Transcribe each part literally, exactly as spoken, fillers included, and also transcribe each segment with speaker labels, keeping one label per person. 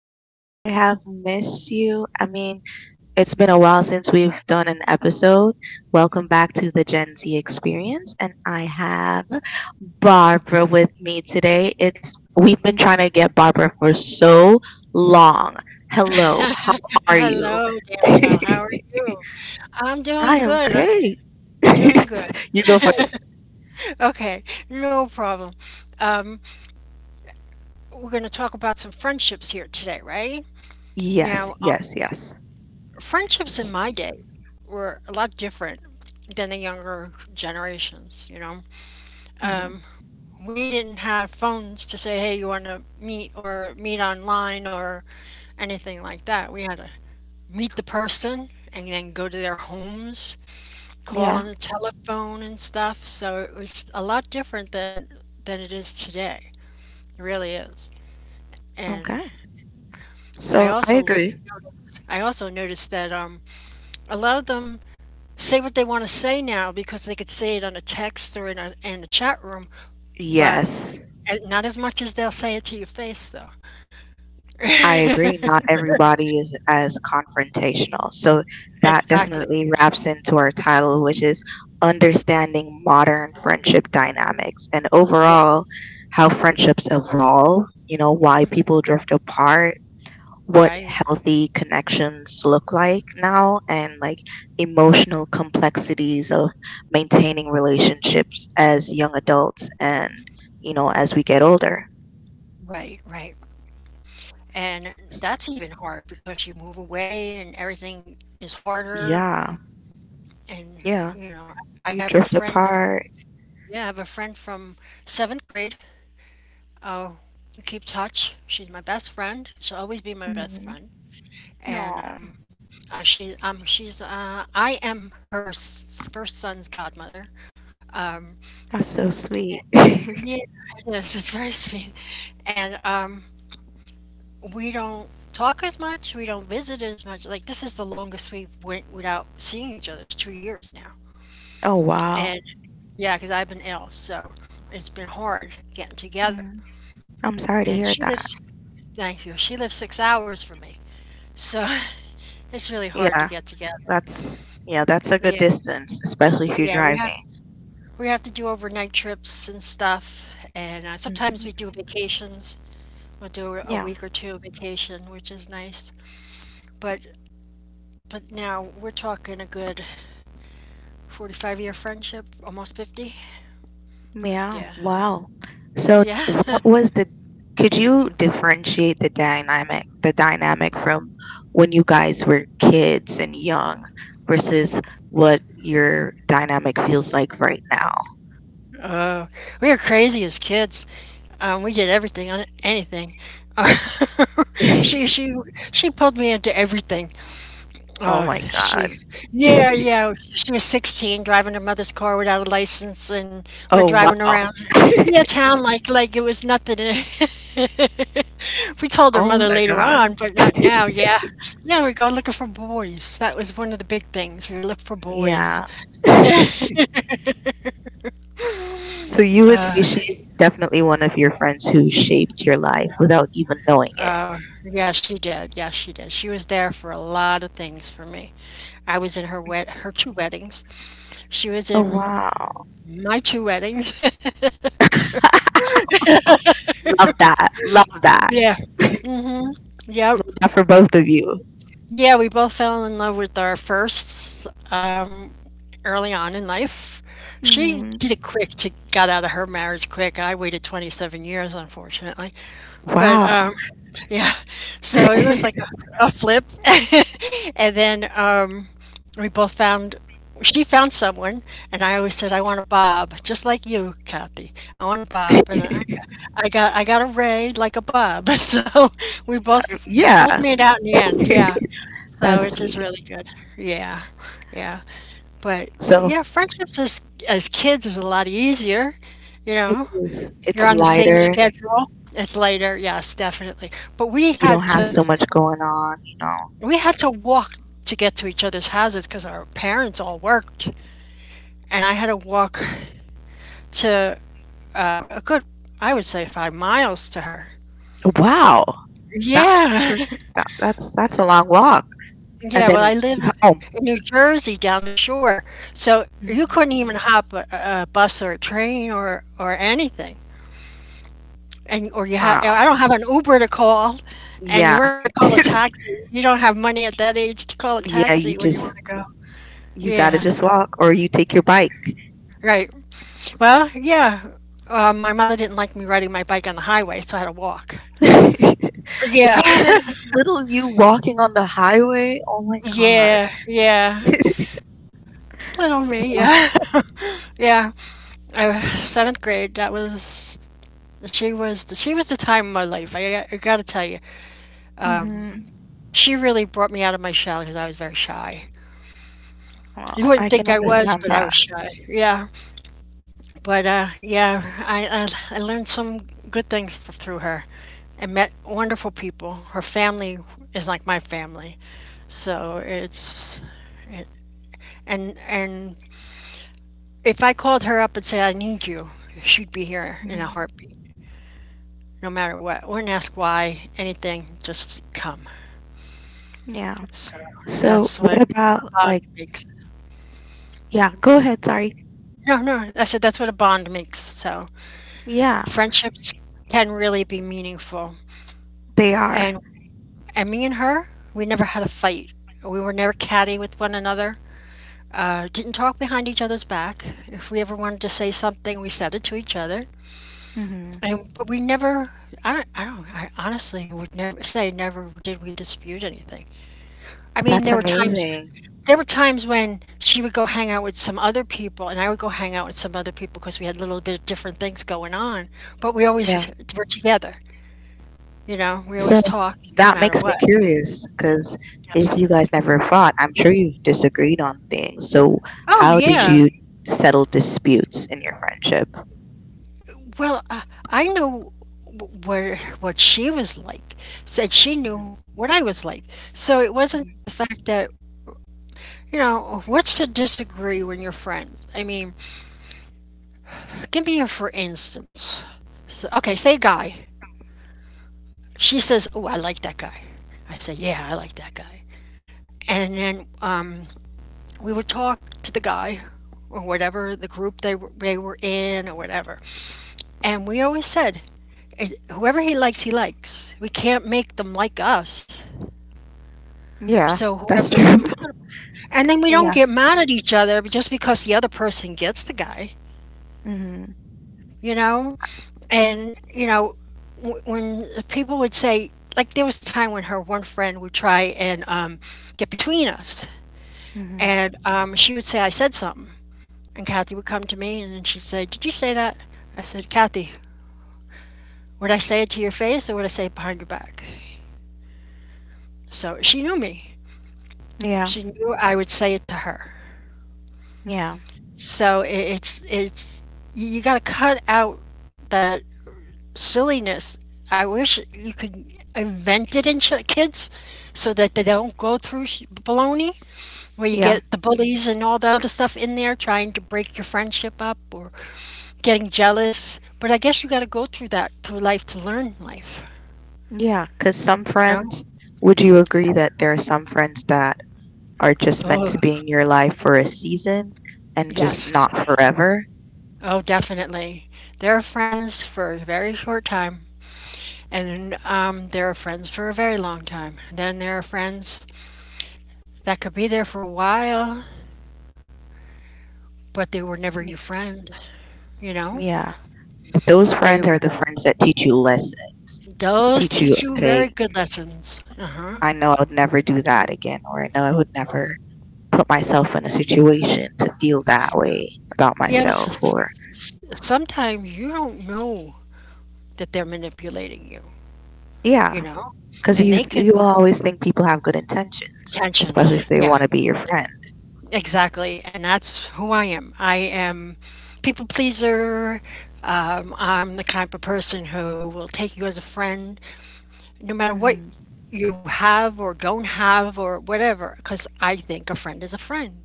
Speaker 1: back. I have missed you. I mean, it's been a while since we've done an episode. Welcome back to the Gen Z experience. And I have Barbara with me today. It's We've been trying to get Barbara for so long. Hello, how are you?
Speaker 2: Hello, Danielle.
Speaker 1: I
Speaker 2: How are you? I'm doing
Speaker 1: am
Speaker 2: good. Uh,
Speaker 1: great.
Speaker 2: Doing good.
Speaker 1: You go first.
Speaker 2: Okay, no problem. Um, we're going to talk about some friendships here today, right? Now,
Speaker 1: Yes,
Speaker 2: um,
Speaker 1: yes, yes.
Speaker 2: friendships in my day were a lot different than the younger generations, you know.
Speaker 1: Hmm.
Speaker 2: Um, we didn't have phones to say, hey, you want to meet or meet online or anything like that. We had to meet the person and then go to their homes, call on
Speaker 1: Yeah,
Speaker 2: the telephone and stuff. So it was a lot different than than it is today. It really is. And
Speaker 1: okay.
Speaker 2: I
Speaker 1: So I
Speaker 2: also
Speaker 1: agree.
Speaker 2: I also noticed that um, a lot of them say what they want to say now because they could say it on a text or in a in a chat room, but
Speaker 1: Yes,
Speaker 2: uh, not as much as they'll say it to your face though.
Speaker 1: I agree. Not everybody is as confrontational. So that
Speaker 2: Exactly.
Speaker 1: definitely wraps into our title, which is Understanding Modern Friendship Dynamics, and
Speaker 2: Yeah.
Speaker 1: overall how friendships evolve, you know, why people drift apart, what
Speaker 2: Right,
Speaker 1: healthy connections look like now, and like emotional complexities of maintaining relationships as young adults and, you know, as we get older.
Speaker 2: right, right. And that's even hard because you move away and everything is harder.
Speaker 1: Yeah,
Speaker 2: And,
Speaker 1: yeah.
Speaker 2: you know, I
Speaker 1: You
Speaker 2: have a
Speaker 1: drift
Speaker 2: friend
Speaker 1: apart.
Speaker 2: yeah, I have a friend from seventh grade. Oh, we keep touch. She's my best friend. She'll always be my best
Speaker 1: Mhm.
Speaker 2: friend. And
Speaker 1: Aw,
Speaker 2: um, uh, she, um, she's, uh, I am her s- first son's godmother.
Speaker 1: that's so sweet.
Speaker 2: Yeah, it is. It's very sweet. And um, we don't talk as much. We don't visit as much. Like this is the longest we went without seeing each other. It's two years now.
Speaker 1: Oh, wow.
Speaker 2: And yeah, because I've been ill, so it's been hard getting together.
Speaker 1: Mm. I'm sorry to
Speaker 2: And
Speaker 1: hear
Speaker 2: she
Speaker 1: that.
Speaker 2: lives, thank you, she lives six hours from me, so it's really hard to
Speaker 1: Yeah,
Speaker 2: get together.
Speaker 1: that's yeah, that's a good
Speaker 2: Yeah,
Speaker 1: distance, especially if you're
Speaker 2: yeah, we
Speaker 1: driving.
Speaker 2: have to we have to do overnight trips and stuff, and uh, sometimes we
Speaker 1: Mhm.
Speaker 2: do vacations, we'll do a
Speaker 1: Yeah.
Speaker 2: week or two of vacation which is nice. But but now we're talking a good forty-five year friendship, almost fifty.
Speaker 1: Yeah.
Speaker 2: Yeah,
Speaker 1: Wow. So
Speaker 2: yeah.
Speaker 1: what was the Could you differentiate the dynamic the dynamic from when you guys were kids and young versus what your dynamic feels like right now?
Speaker 2: Oh, we were crazy as kids. Um, we did everything on anything. she she she pulled me into everything.
Speaker 1: Oh
Speaker 2: Oh,
Speaker 1: my
Speaker 2: she,
Speaker 1: God.
Speaker 2: yeah, yeah. She was sixteen driving her mother's car without a license, and we're
Speaker 1: Oh,
Speaker 2: driving
Speaker 1: wow.
Speaker 2: around, yeah, town, like like it was nothing. We told her
Speaker 1: Oh
Speaker 2: mother
Speaker 1: my
Speaker 2: later
Speaker 1: God.
Speaker 2: on, but not now, yeah. Yeah, we're going looking for boys. That was one of the big things. We look for boys.
Speaker 1: Yeah. So you would
Speaker 2: Uh,
Speaker 1: say she's definitely one of your friends who shaped your life without even knowing it.
Speaker 2: uh, yeah, she did. Yeah, she did. She was there for a lot of things for me. I was in her wed her two weddings. She was
Speaker 1: Oh,
Speaker 2: in
Speaker 1: wow.
Speaker 2: my two weddings.
Speaker 1: Love that. Love that.
Speaker 2: Yeah.
Speaker 1: Love
Speaker 2: Mm. Hmm. Yep.
Speaker 1: that for both of you.
Speaker 2: Yeah, we both fell in love with our firsts um, early on in life. She
Speaker 1: Hmm.
Speaker 2: did it quick to got out of her marriage quick. I waited twenty-seven years, unfortunately. But,
Speaker 1: Wow.
Speaker 2: um, yeah, so it was like a a flip, and then, um, we both found, she found someone, and I always said, "I want a bob, just like you, Kathy. I want a bob." And I I got I got a ray like a bob. So we both we both
Speaker 1: Yeah.
Speaker 2: made out in the end, yeah. So
Speaker 1: That's
Speaker 2: it's just
Speaker 1: sweet.
Speaker 2: really good. Yeah, yeah. But,
Speaker 1: So
Speaker 2: yeah, friendships as as kids is a lot easier, you
Speaker 1: it
Speaker 2: know?
Speaker 1: is.
Speaker 2: You're
Speaker 1: It's
Speaker 2: on the same
Speaker 1: lighter.
Speaker 2: schedule? It's later, yes, definitely. But we
Speaker 1: You don't
Speaker 2: had
Speaker 1: have
Speaker 2: to
Speaker 1: so much going on, you know.
Speaker 2: we had to walk to get to each other's houses because our parents all worked, and I had to walk to, um, a good, I would say, five miles to her.
Speaker 1: Wow. That,
Speaker 2: Yeah,
Speaker 1: that's a, that, that's that's a long walk.
Speaker 2: yeah.
Speaker 1: And
Speaker 2: Well,
Speaker 1: then
Speaker 2: I live in
Speaker 1: home.
Speaker 2: New Jersey, down the shore, so you
Speaker 1: Mhm.
Speaker 2: couldn't even hop a, a a bus or a train or or anything. And or you had
Speaker 1: Wow.
Speaker 2: I don't have an Uber to call, and you
Speaker 1: Yeah.
Speaker 2: weren't going to call a taxi. You don't have money at that age to call a
Speaker 1: Yeah, you
Speaker 2: taxi where you
Speaker 1: just
Speaker 2: want to go.
Speaker 1: you gotta
Speaker 2: Yeah,
Speaker 1: just walk, or you take your bike.
Speaker 2: right. Well, yeah. Uh, my mother didn't like me riding my bike on the highway, so I had to walk. Yeah,
Speaker 1: Imagine little you walking on the highway. Oh my God.
Speaker 2: yeah, yeah. Little me,
Speaker 1: Wow.
Speaker 2: yeah, yeah. I was seventh grade. That was, she was the, she was the time of my life. I, I got to tell you, um,
Speaker 1: Mhm.
Speaker 2: she really brought me out of my shell because I was very shy.
Speaker 1: Wow.
Speaker 2: You
Speaker 1: I
Speaker 2: wouldn't
Speaker 1: can
Speaker 2: think I was,
Speaker 1: understand
Speaker 2: but I
Speaker 1: that.
Speaker 2: was shy. Yeah. But uh, yeah, I, I I learned some good things f- through her, and met wonderful people. Her family is like my family, so it's it, and and if I called her up and said I need you, she'd be here in a
Speaker 1: Mhm.
Speaker 2: heartbeat, no matter what. Wouldn't ask why anything, just come.
Speaker 1: Yeah.
Speaker 2: So
Speaker 1: So
Speaker 2: that's what
Speaker 1: what
Speaker 2: a
Speaker 1: about like
Speaker 2: bond makes.
Speaker 1: Yeah, go ahead, sorry.
Speaker 2: No, no, I said that's what a bond makes. So
Speaker 1: Yeah,
Speaker 2: friendships can really be meaningful,
Speaker 1: they are.
Speaker 2: and And me and her, we never had a fight. We were never catty with one another. Uh, didn't talk behind each other's back. If we ever wanted to say something, we said it to each other.
Speaker 1: Mhm.
Speaker 2: And but we never. I don't. I don't. I honestly would never say never did we dispute anything. I mean,
Speaker 1: That's
Speaker 2: there were times.
Speaker 1: amazing.
Speaker 2: There were times when she would go hang out with some other people, and I would go hang out with some other people because we had a little bit of different things going on. But we
Speaker 1: Yeah.
Speaker 2: always were together. You know, we
Speaker 1: So
Speaker 2: always talked no
Speaker 1: that
Speaker 2: matter
Speaker 1: makes me
Speaker 2: what.
Speaker 1: curious, because if
Speaker 2: Yes.
Speaker 1: you guys never fought, I'm sure you've disagreed on things. So
Speaker 2: Oh
Speaker 1: how did
Speaker 2: yeah.
Speaker 1: you settle disputes in your friendship?
Speaker 2: Well, uh, I knew w- where what she was like. Said she
Speaker 1: Mhm,
Speaker 2: knew what I was like. So it wasn't
Speaker 1: mhm.
Speaker 2: the fact that, you know, what's to disagree when you're friends? I mean, give me a for instance. So, okay, say guy. She says, "Oh, I like that guy." I said, "Yeah, I like that guy." And then um, we would talk to the guy or whatever the group they were, they were in or whatever. And we always said, whoever he likes, he likes. We can't make them like us.
Speaker 1: Yeah,
Speaker 2: So
Speaker 1: that's
Speaker 2: whoever's
Speaker 1: true.
Speaker 2: compatible. And then we don't
Speaker 1: Yeah.
Speaker 2: get mad at each other just because the other person gets the guy,
Speaker 1: Mhm.
Speaker 2: you know? And, you know, w- when people would say, like, there was a time when her one friend would try and, um, get between us.
Speaker 1: Mhm.
Speaker 2: And um, she would say, I said something. And Kathy would come to me and then she'd say, did you say that? I said, Kathy, would I say it to your face or would I say it behind your back? So she knew me.
Speaker 1: Yeah.
Speaker 2: She knew I would say it to her.
Speaker 1: Yeah.
Speaker 2: So I- it's it's you, you got to cut out that silliness. I wish you could invent it in ch- kids so that they don't go through sh- baloney where you
Speaker 1: Yeah.
Speaker 2: get the bullies and all that other stuff in there trying to break your friendship up or getting jealous. But I guess you got to go through that through life to learn life.
Speaker 1: Yeah, cuz some
Speaker 2: You know?
Speaker 1: friends, would you agree that there are some friends that are just meant
Speaker 2: Oh,
Speaker 1: to be in your life for a season and just
Speaker 2: yes.
Speaker 1: not forever?
Speaker 2: Oh, definitely. They're friends for a very short time. And um, They are friends for a very long time. Then there are friends that could be there for a while, but they were never your
Speaker 1: Yeah.
Speaker 2: friend. You know,
Speaker 1: Yeah. Th- Those
Speaker 2: they
Speaker 1: friends are the friends that teach you lessons.
Speaker 2: those
Speaker 1: Teach you,
Speaker 2: teach you very
Speaker 1: okay,
Speaker 2: good lessons. Uh huh.
Speaker 1: I know I would never do that again, or I know I would never put myself in a situation to feel that way about
Speaker 2: Yeah, but s-
Speaker 1: myself, or
Speaker 2: s- sometimes you don't know that they're manipulating you. You
Speaker 1: yeah,
Speaker 2: know,
Speaker 1: because
Speaker 2: and
Speaker 1: you
Speaker 2: they can
Speaker 1: you will always think people have good intentions, especially
Speaker 2: tensions.
Speaker 1: if they
Speaker 2: Yeah,
Speaker 1: want to be your friend.
Speaker 2: exactly. And that's who I am. I am people pleaser. Um, I'm the type of person who will take you as a friend no matter what
Speaker 1: Hmm.
Speaker 2: you have or don't have or whatever, because I think a friend is a friend.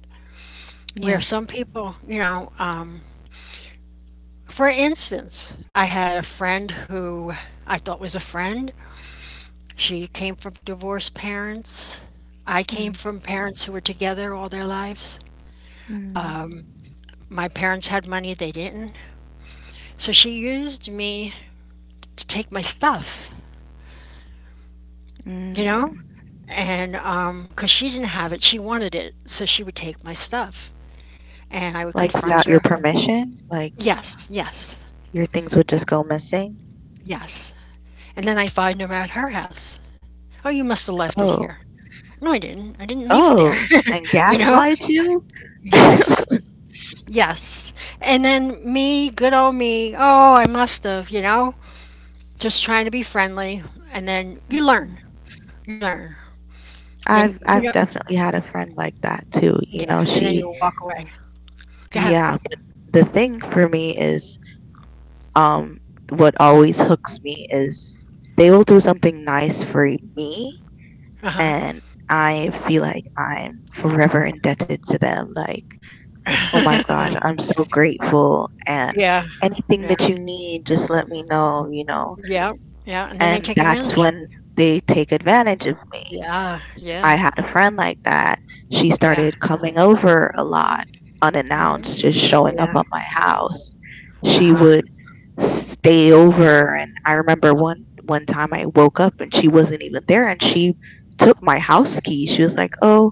Speaker 2: Where
Speaker 1: Yeah.
Speaker 2: some people, you know, um, for instance, I had a friend who I thought was a friend. She came from divorced parents. I came
Speaker 1: Mm-hmm.
Speaker 2: from parents who were together all their lives.
Speaker 1: Mm.
Speaker 2: My parents had money, they didn't. So she used me to take my stuff, you
Speaker 1: Mm.
Speaker 2: know? And um, because she didn't have it, she wanted it. So she would take my stuff. And I would
Speaker 1: Like
Speaker 2: confront
Speaker 1: without your
Speaker 2: her.
Speaker 1: permission, like
Speaker 2: Yes, yes.
Speaker 1: your things would
Speaker 2: Yeah.
Speaker 1: just go missing.
Speaker 2: Yes. And then I'd find her at her house. "Oh, you must have left it here."
Speaker 1: Oh.
Speaker 2: "No, I didn't. I didn't leave it there."
Speaker 1: Oh, and
Speaker 2: You know?
Speaker 1: gaslight you.
Speaker 2: Yes. Yes. And then me, good old me, "Oh, I must have," you know? Just trying to be friendly, and then you learn. You learn. Then,
Speaker 1: I've
Speaker 2: you
Speaker 1: I've
Speaker 2: know
Speaker 1: definitely had a friend like that too. You
Speaker 2: Yeah,
Speaker 1: know.
Speaker 2: and then you
Speaker 1: She
Speaker 2: walk away. Go ahead.
Speaker 1: Yeah, but the thing for me is, um, what always hooks me is they will do something nice for me,
Speaker 2: Uh-huh.
Speaker 1: and I feel like I'm forever indebted to them. Like, oh my gosh, I'm so grateful, and
Speaker 2: Yeah,
Speaker 1: anything
Speaker 2: yeah,
Speaker 1: that you need, just let me know, you know.
Speaker 2: yeah, yeah, and then they
Speaker 1: And
Speaker 2: take
Speaker 1: that's
Speaker 2: advantage of you.
Speaker 1: when they take advantage of me.
Speaker 2: Yeah, yeah,
Speaker 1: I had a friend like that. She
Speaker 2: yeah.
Speaker 1: started coming over a lot
Speaker 2: Mhm.
Speaker 1: unannounced, just showing up
Speaker 2: Yeah.
Speaker 1: at my house. She
Speaker 2: Uh-huh.
Speaker 1: would stay over, and I remember one one time I woke up and she wasn't even there, and she took my house key. She was like, "Oh,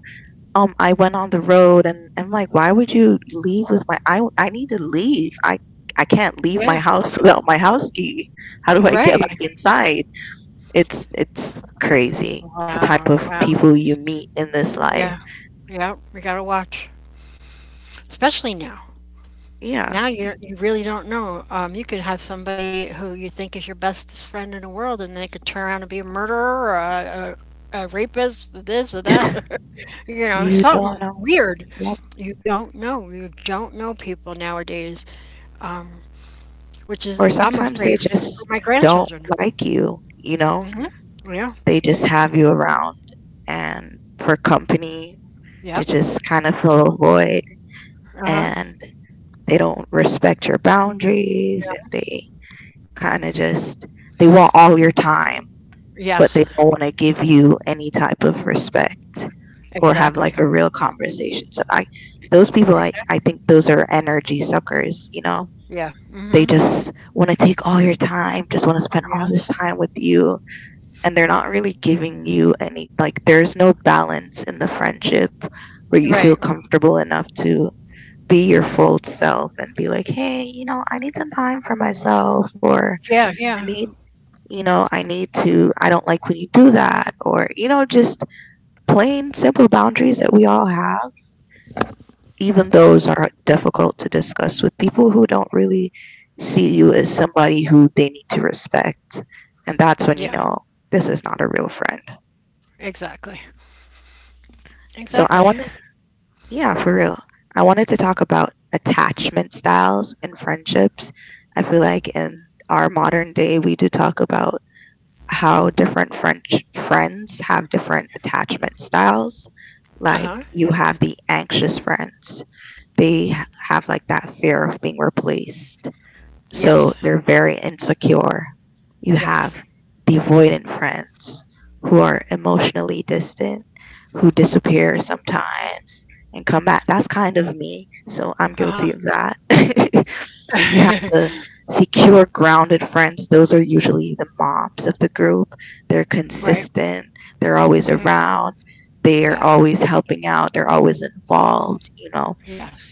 Speaker 1: um I went on the road." And I'm like, "Why would you leave with my I I need to leave. I I can't leave my
Speaker 2: Yeah.
Speaker 1: house without my house key. How do I get
Speaker 2: Right.
Speaker 1: back inside?" It's it's crazy the
Speaker 2: Wow.
Speaker 1: type of
Speaker 2: Wow.
Speaker 1: people you meet in this life.
Speaker 2: Yeah. Yeah. We gotta watch, especially now.
Speaker 1: Yeah,
Speaker 2: Now you you really don't know. Um, you could have somebody who you think is your bestest friend in the world, and they could turn around and be a murderer, or a, a, a rapist, this or that, you know,
Speaker 1: you
Speaker 2: something
Speaker 1: don't know.
Speaker 2: weird.
Speaker 1: Yep.
Speaker 2: You don't know. You don't know people nowadays, um, which is
Speaker 1: Or
Speaker 2: I'm
Speaker 1: sometimes they
Speaker 2: afraid f- for
Speaker 1: just
Speaker 2: my
Speaker 1: don't
Speaker 2: grandchildren.
Speaker 1: like you. You know,
Speaker 2: Hmm. Yeah.
Speaker 1: they just have you around and for company, to
Speaker 2: Yep.
Speaker 1: just kind of fill a void,
Speaker 2: Uh huh.
Speaker 1: and they don't respect your boundaries, and they kind of just they want all your time, but they
Speaker 2: Yes.
Speaker 1: don't want to give you any type of respect or have
Speaker 2: Exactly.
Speaker 1: like a real conversation. So I those people, I,
Speaker 2: Exactly.
Speaker 1: I think those are energy suckers, you know.
Speaker 2: Yeah.
Speaker 1: They
Speaker 2: Mhm.
Speaker 1: just want to take all your time, just want to spend all this
Speaker 2: Yes.
Speaker 1: time with you, and they're not really giving you any, like, there's no balance in the friendship, where you feel
Speaker 2: Right.
Speaker 1: comfortable enough to be your full self and be like, "Hey, you know, I need some time for myself, or
Speaker 2: Yeah,
Speaker 1: I
Speaker 2: yeah.
Speaker 1: need you know, I need to, I don't like when you do that, or, you know, just plain simple boundaries that we all have. Even those are difficult to discuss with people who don't really see you as somebody who they need to respect. And that's when
Speaker 2: Yeah.
Speaker 1: you know this is not a real friend."
Speaker 2: Exactly.
Speaker 1: So
Speaker 2: Exactly.
Speaker 1: I wanted, yeah, for real, I wanted to talk about attachment styles in friendships. I feel like in our modern day, we do talk about how different French friends have different attachment styles. Like,
Speaker 2: Uh-huh.
Speaker 1: you have the anxious friends, they h- have like that fear of being replaced. So
Speaker 2: Yes.
Speaker 1: they're very insecure. You have
Speaker 2: Yes.
Speaker 1: the avoidant friends, who are emotionally distant, who disappear sometimes and come back. That's kind of me. So I'm
Speaker 2: Uh-huh.
Speaker 1: guilty of that. You have the secure, grounded friends. Those are usually the moms of the group. They're
Speaker 2: Right.
Speaker 1: consistent, they're always
Speaker 2: Mhm.
Speaker 1: around, they're
Speaker 2: Yeah.
Speaker 1: always helping out, they're always involved, you know
Speaker 2: Yes.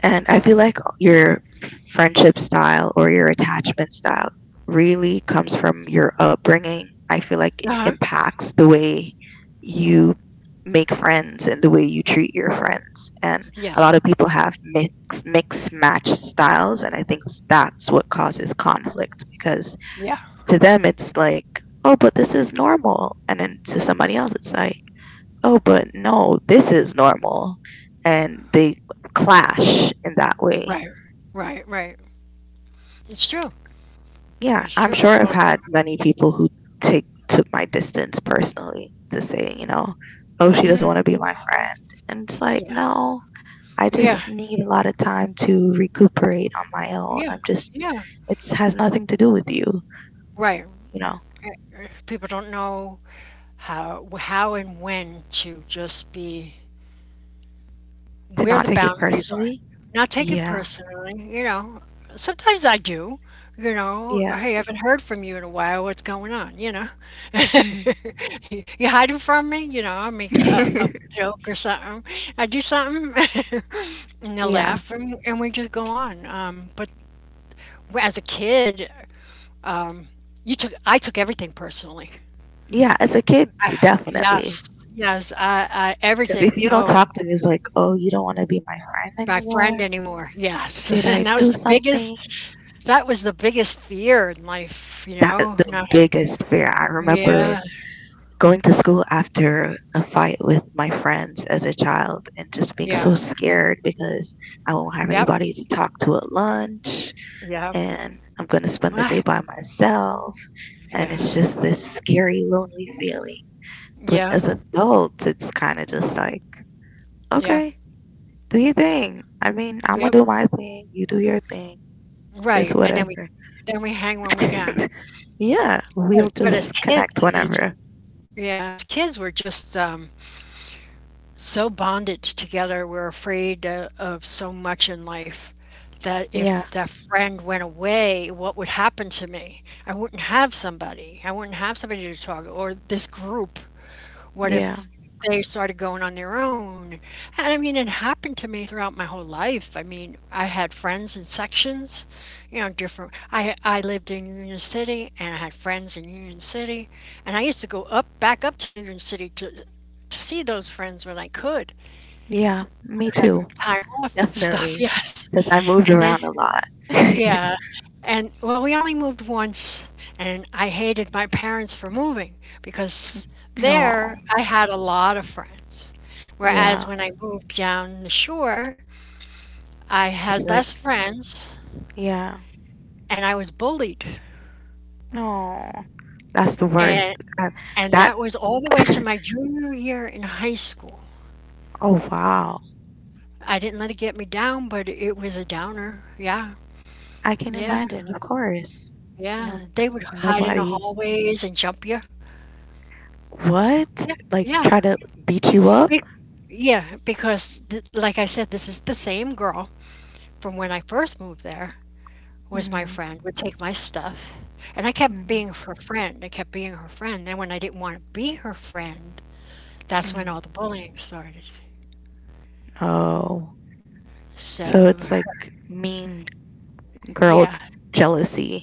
Speaker 1: and I feel like your friendship style or your attachment style really comes from your upbringing. I feel like it
Speaker 2: Uh-huh.
Speaker 1: impacts the way you make friends and the way you treat your friends. And a lot
Speaker 2: Yes.
Speaker 1: of people have mix mix match styles, and I think that's what causes conflict, because
Speaker 2: Yeah.
Speaker 1: to them it's like, "Oh, but this is normal." And then to somebody else it's like, "Oh, but no, this is normal." And they clash in that way.
Speaker 2: Right. Right, right. It's true.
Speaker 1: Yeah,
Speaker 2: It's
Speaker 1: I'm
Speaker 2: true.
Speaker 1: sure
Speaker 2: All
Speaker 1: I've
Speaker 2: of them.
Speaker 1: had many people who take took my distance personally to say, you know, oh, she doesn't want to
Speaker 2: Mhm.
Speaker 1: be my friend. And it's like,
Speaker 2: Yeah.
Speaker 1: no, I
Speaker 2: Yeah.
Speaker 1: just need a lot of time to recuperate on my own.
Speaker 2: Yeah.
Speaker 1: I'm just,
Speaker 2: Yeah.
Speaker 1: it has nothing to do with you,
Speaker 2: Right.
Speaker 1: you know,
Speaker 2: Uh, People don't know how how and when to just be
Speaker 1: to
Speaker 2: where
Speaker 1: not
Speaker 2: the
Speaker 1: take it
Speaker 2: boundaries are.
Speaker 1: personally.
Speaker 2: Not take it
Speaker 1: Yeah,
Speaker 2: personally, you know. Sometimes I do, you know.
Speaker 1: yeah.
Speaker 2: Hey, I haven't heard from you in a while. What's going on? You know,
Speaker 1: Mhm.
Speaker 2: you hiding from me? You know, I'll make a, a joke or something. I do something, and they'll
Speaker 1: Yeah.
Speaker 2: laugh, and, and we just go on. Um, but as a kid, um, you took I took everything personally.
Speaker 1: Yeah, as a kid,
Speaker 2: I,
Speaker 1: definitely.
Speaker 2: yes, yes, I, I
Speaker 1: Because if
Speaker 2: everything.
Speaker 1: you don't
Speaker 2: Oh,
Speaker 1: talk to me, it's like, oh, you don't want to be my friend
Speaker 2: my friend
Speaker 1: anymore.
Speaker 2: anymore. Yes,
Speaker 1: Did
Speaker 2: and
Speaker 1: I
Speaker 2: that was
Speaker 1: do
Speaker 2: the biggest.
Speaker 1: something?
Speaker 2: That was the biggest fear in life, you
Speaker 1: That
Speaker 2: know,
Speaker 1: the
Speaker 2: not.
Speaker 1: biggest fear. I remember
Speaker 2: Yeah,
Speaker 1: going to school after a fight with my friends as a child and just being
Speaker 2: yeah,
Speaker 1: so scared, because I won't have
Speaker 2: yep,
Speaker 1: anybody to talk to at lunch,
Speaker 2: yep,
Speaker 1: and I'm going to spend the
Speaker 2: yeah,
Speaker 1: day by myself. And it's just this scary, lonely feeling. But
Speaker 2: yeah,
Speaker 1: as adults, it's kind of just like,
Speaker 2: yeah,
Speaker 1: okay, do your thing. I mean, I'm gonna
Speaker 2: yep,
Speaker 1: do my thing, you do your thing. Is
Speaker 2: right, and then we
Speaker 1: whatever.
Speaker 2: then we hang when we can.
Speaker 1: Yeah, we'll
Speaker 2: But but as
Speaker 1: just connect
Speaker 2: kids, it's
Speaker 1: whenever.
Speaker 2: yeah, as kids, we're just, um, so bonded together, we're afraid, uh, of so much in life that
Speaker 1: Yeah,
Speaker 2: if that friend went away, what would happen to me? I wouldn't have somebody. I wouldn't have somebody to talk or this group. What
Speaker 1: yeah,
Speaker 2: if they started going on their own? And I mean, it happened to me throughout my whole life. I mean, I had friends in sections, you know, different. I I lived in Union City, and I had friends in Union City, and I used to go up back up to Union City to to see those friends when I could.
Speaker 1: yeah. Me
Speaker 2: I
Speaker 1: too.
Speaker 2: had time off and stuff,
Speaker 1: Definitely.
Speaker 2: yes.
Speaker 1: Because I moved
Speaker 2: And then
Speaker 1: around a lot.
Speaker 2: yeah, and well, we only moved once, and I hated my parents for moving because
Speaker 1: No,
Speaker 2: there I had a lot of friends.
Speaker 1: yeah.
Speaker 2: Whereas when I moved down the shore, I
Speaker 1: It's
Speaker 2: had
Speaker 1: like,
Speaker 2: less friends
Speaker 1: yeah,
Speaker 2: and I was bullied.
Speaker 1: no. That's the worst.
Speaker 2: And
Speaker 1: That,
Speaker 2: and
Speaker 1: that
Speaker 2: that was all the way to my junior year in high school.
Speaker 1: Oh, wow.
Speaker 2: I didn't let it get me down, but it was a downer. Yeah.
Speaker 1: I can
Speaker 2: Yeah.
Speaker 1: imagine, of course. You know,
Speaker 2: Yeah. They would hide in the
Speaker 1: nobody,
Speaker 2: hallways and jump you.
Speaker 1: what?
Speaker 2: Yeah.
Speaker 1: Like, try
Speaker 2: Yeah.
Speaker 1: to beat you up?
Speaker 2: Be- yeah, because th- like I said, this is the same girl from when I first moved there. Was my
Speaker 1: Mm.
Speaker 2: friend would take my stuff, and I kept being
Speaker 1: Mm.
Speaker 2: her friend. I kept being her friend. Then when I didn't want to be her friend, that's when
Speaker 1: Hmm.
Speaker 2: all the bullying started.
Speaker 1: Oh, so
Speaker 2: So
Speaker 1: it's like mean girl
Speaker 2: yeah,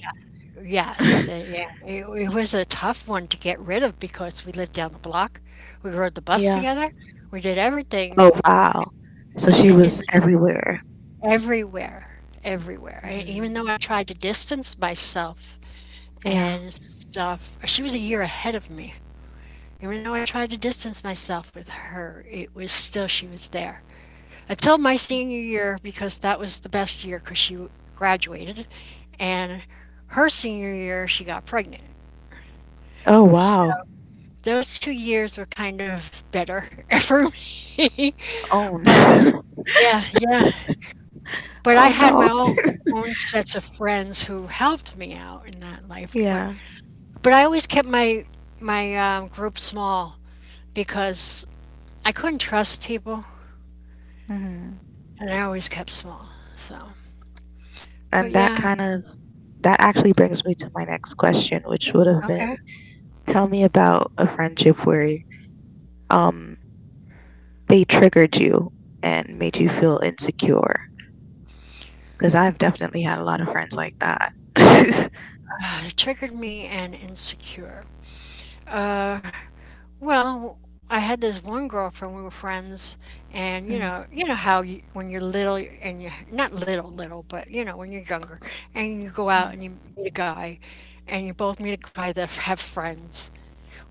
Speaker 2: yeah, yes, uh, yeah, it, it was a tough one to get rid of because we lived down the block. We rode the bus
Speaker 1: Yeah.
Speaker 2: together. We did everything
Speaker 1: Oh wow. So she
Speaker 2: in, in
Speaker 1: was
Speaker 2: the
Speaker 1: everywhere.
Speaker 2: Everywhere, everywhere. And even
Speaker 1: Hmm.
Speaker 2: though I tried to distance myself
Speaker 1: Yeah.
Speaker 2: and stuff, she was a year ahead of me. Even though I tried to distance myself with her, it was still she was there until my senior year because that was the best year because she graduated, and her senior year she got pregnant.
Speaker 1: Oh
Speaker 2: So
Speaker 1: wow.
Speaker 2: those two years were kind of better for me.
Speaker 1: Oh
Speaker 2: But
Speaker 1: no.
Speaker 2: yeah, yeah, but I
Speaker 1: Oh
Speaker 2: had my
Speaker 1: no.
Speaker 2: own own sets of friends who helped me out in that life. But
Speaker 1: Yeah.
Speaker 2: but I always kept my my um, group small because I couldn't trust people,
Speaker 1: Hmm.
Speaker 2: and I always kept small. So, but
Speaker 1: And that
Speaker 2: yeah,
Speaker 1: kind of that actually brings me to my next question, which would have been,
Speaker 2: okay.
Speaker 1: tell me about a friendship where um they triggered you and made you feel insecure. Because I've definitely had a lot of friends like that.
Speaker 2: Uh, it triggered me and insecure. Uh, Well, I had this one girlfriend, we were friends, and, you know you know how you when you're little and you are not little, little, but, you know, when you're younger, and you go out
Speaker 1: Hmm.
Speaker 2: and you meet a guy, and you both meet a guy that have friends.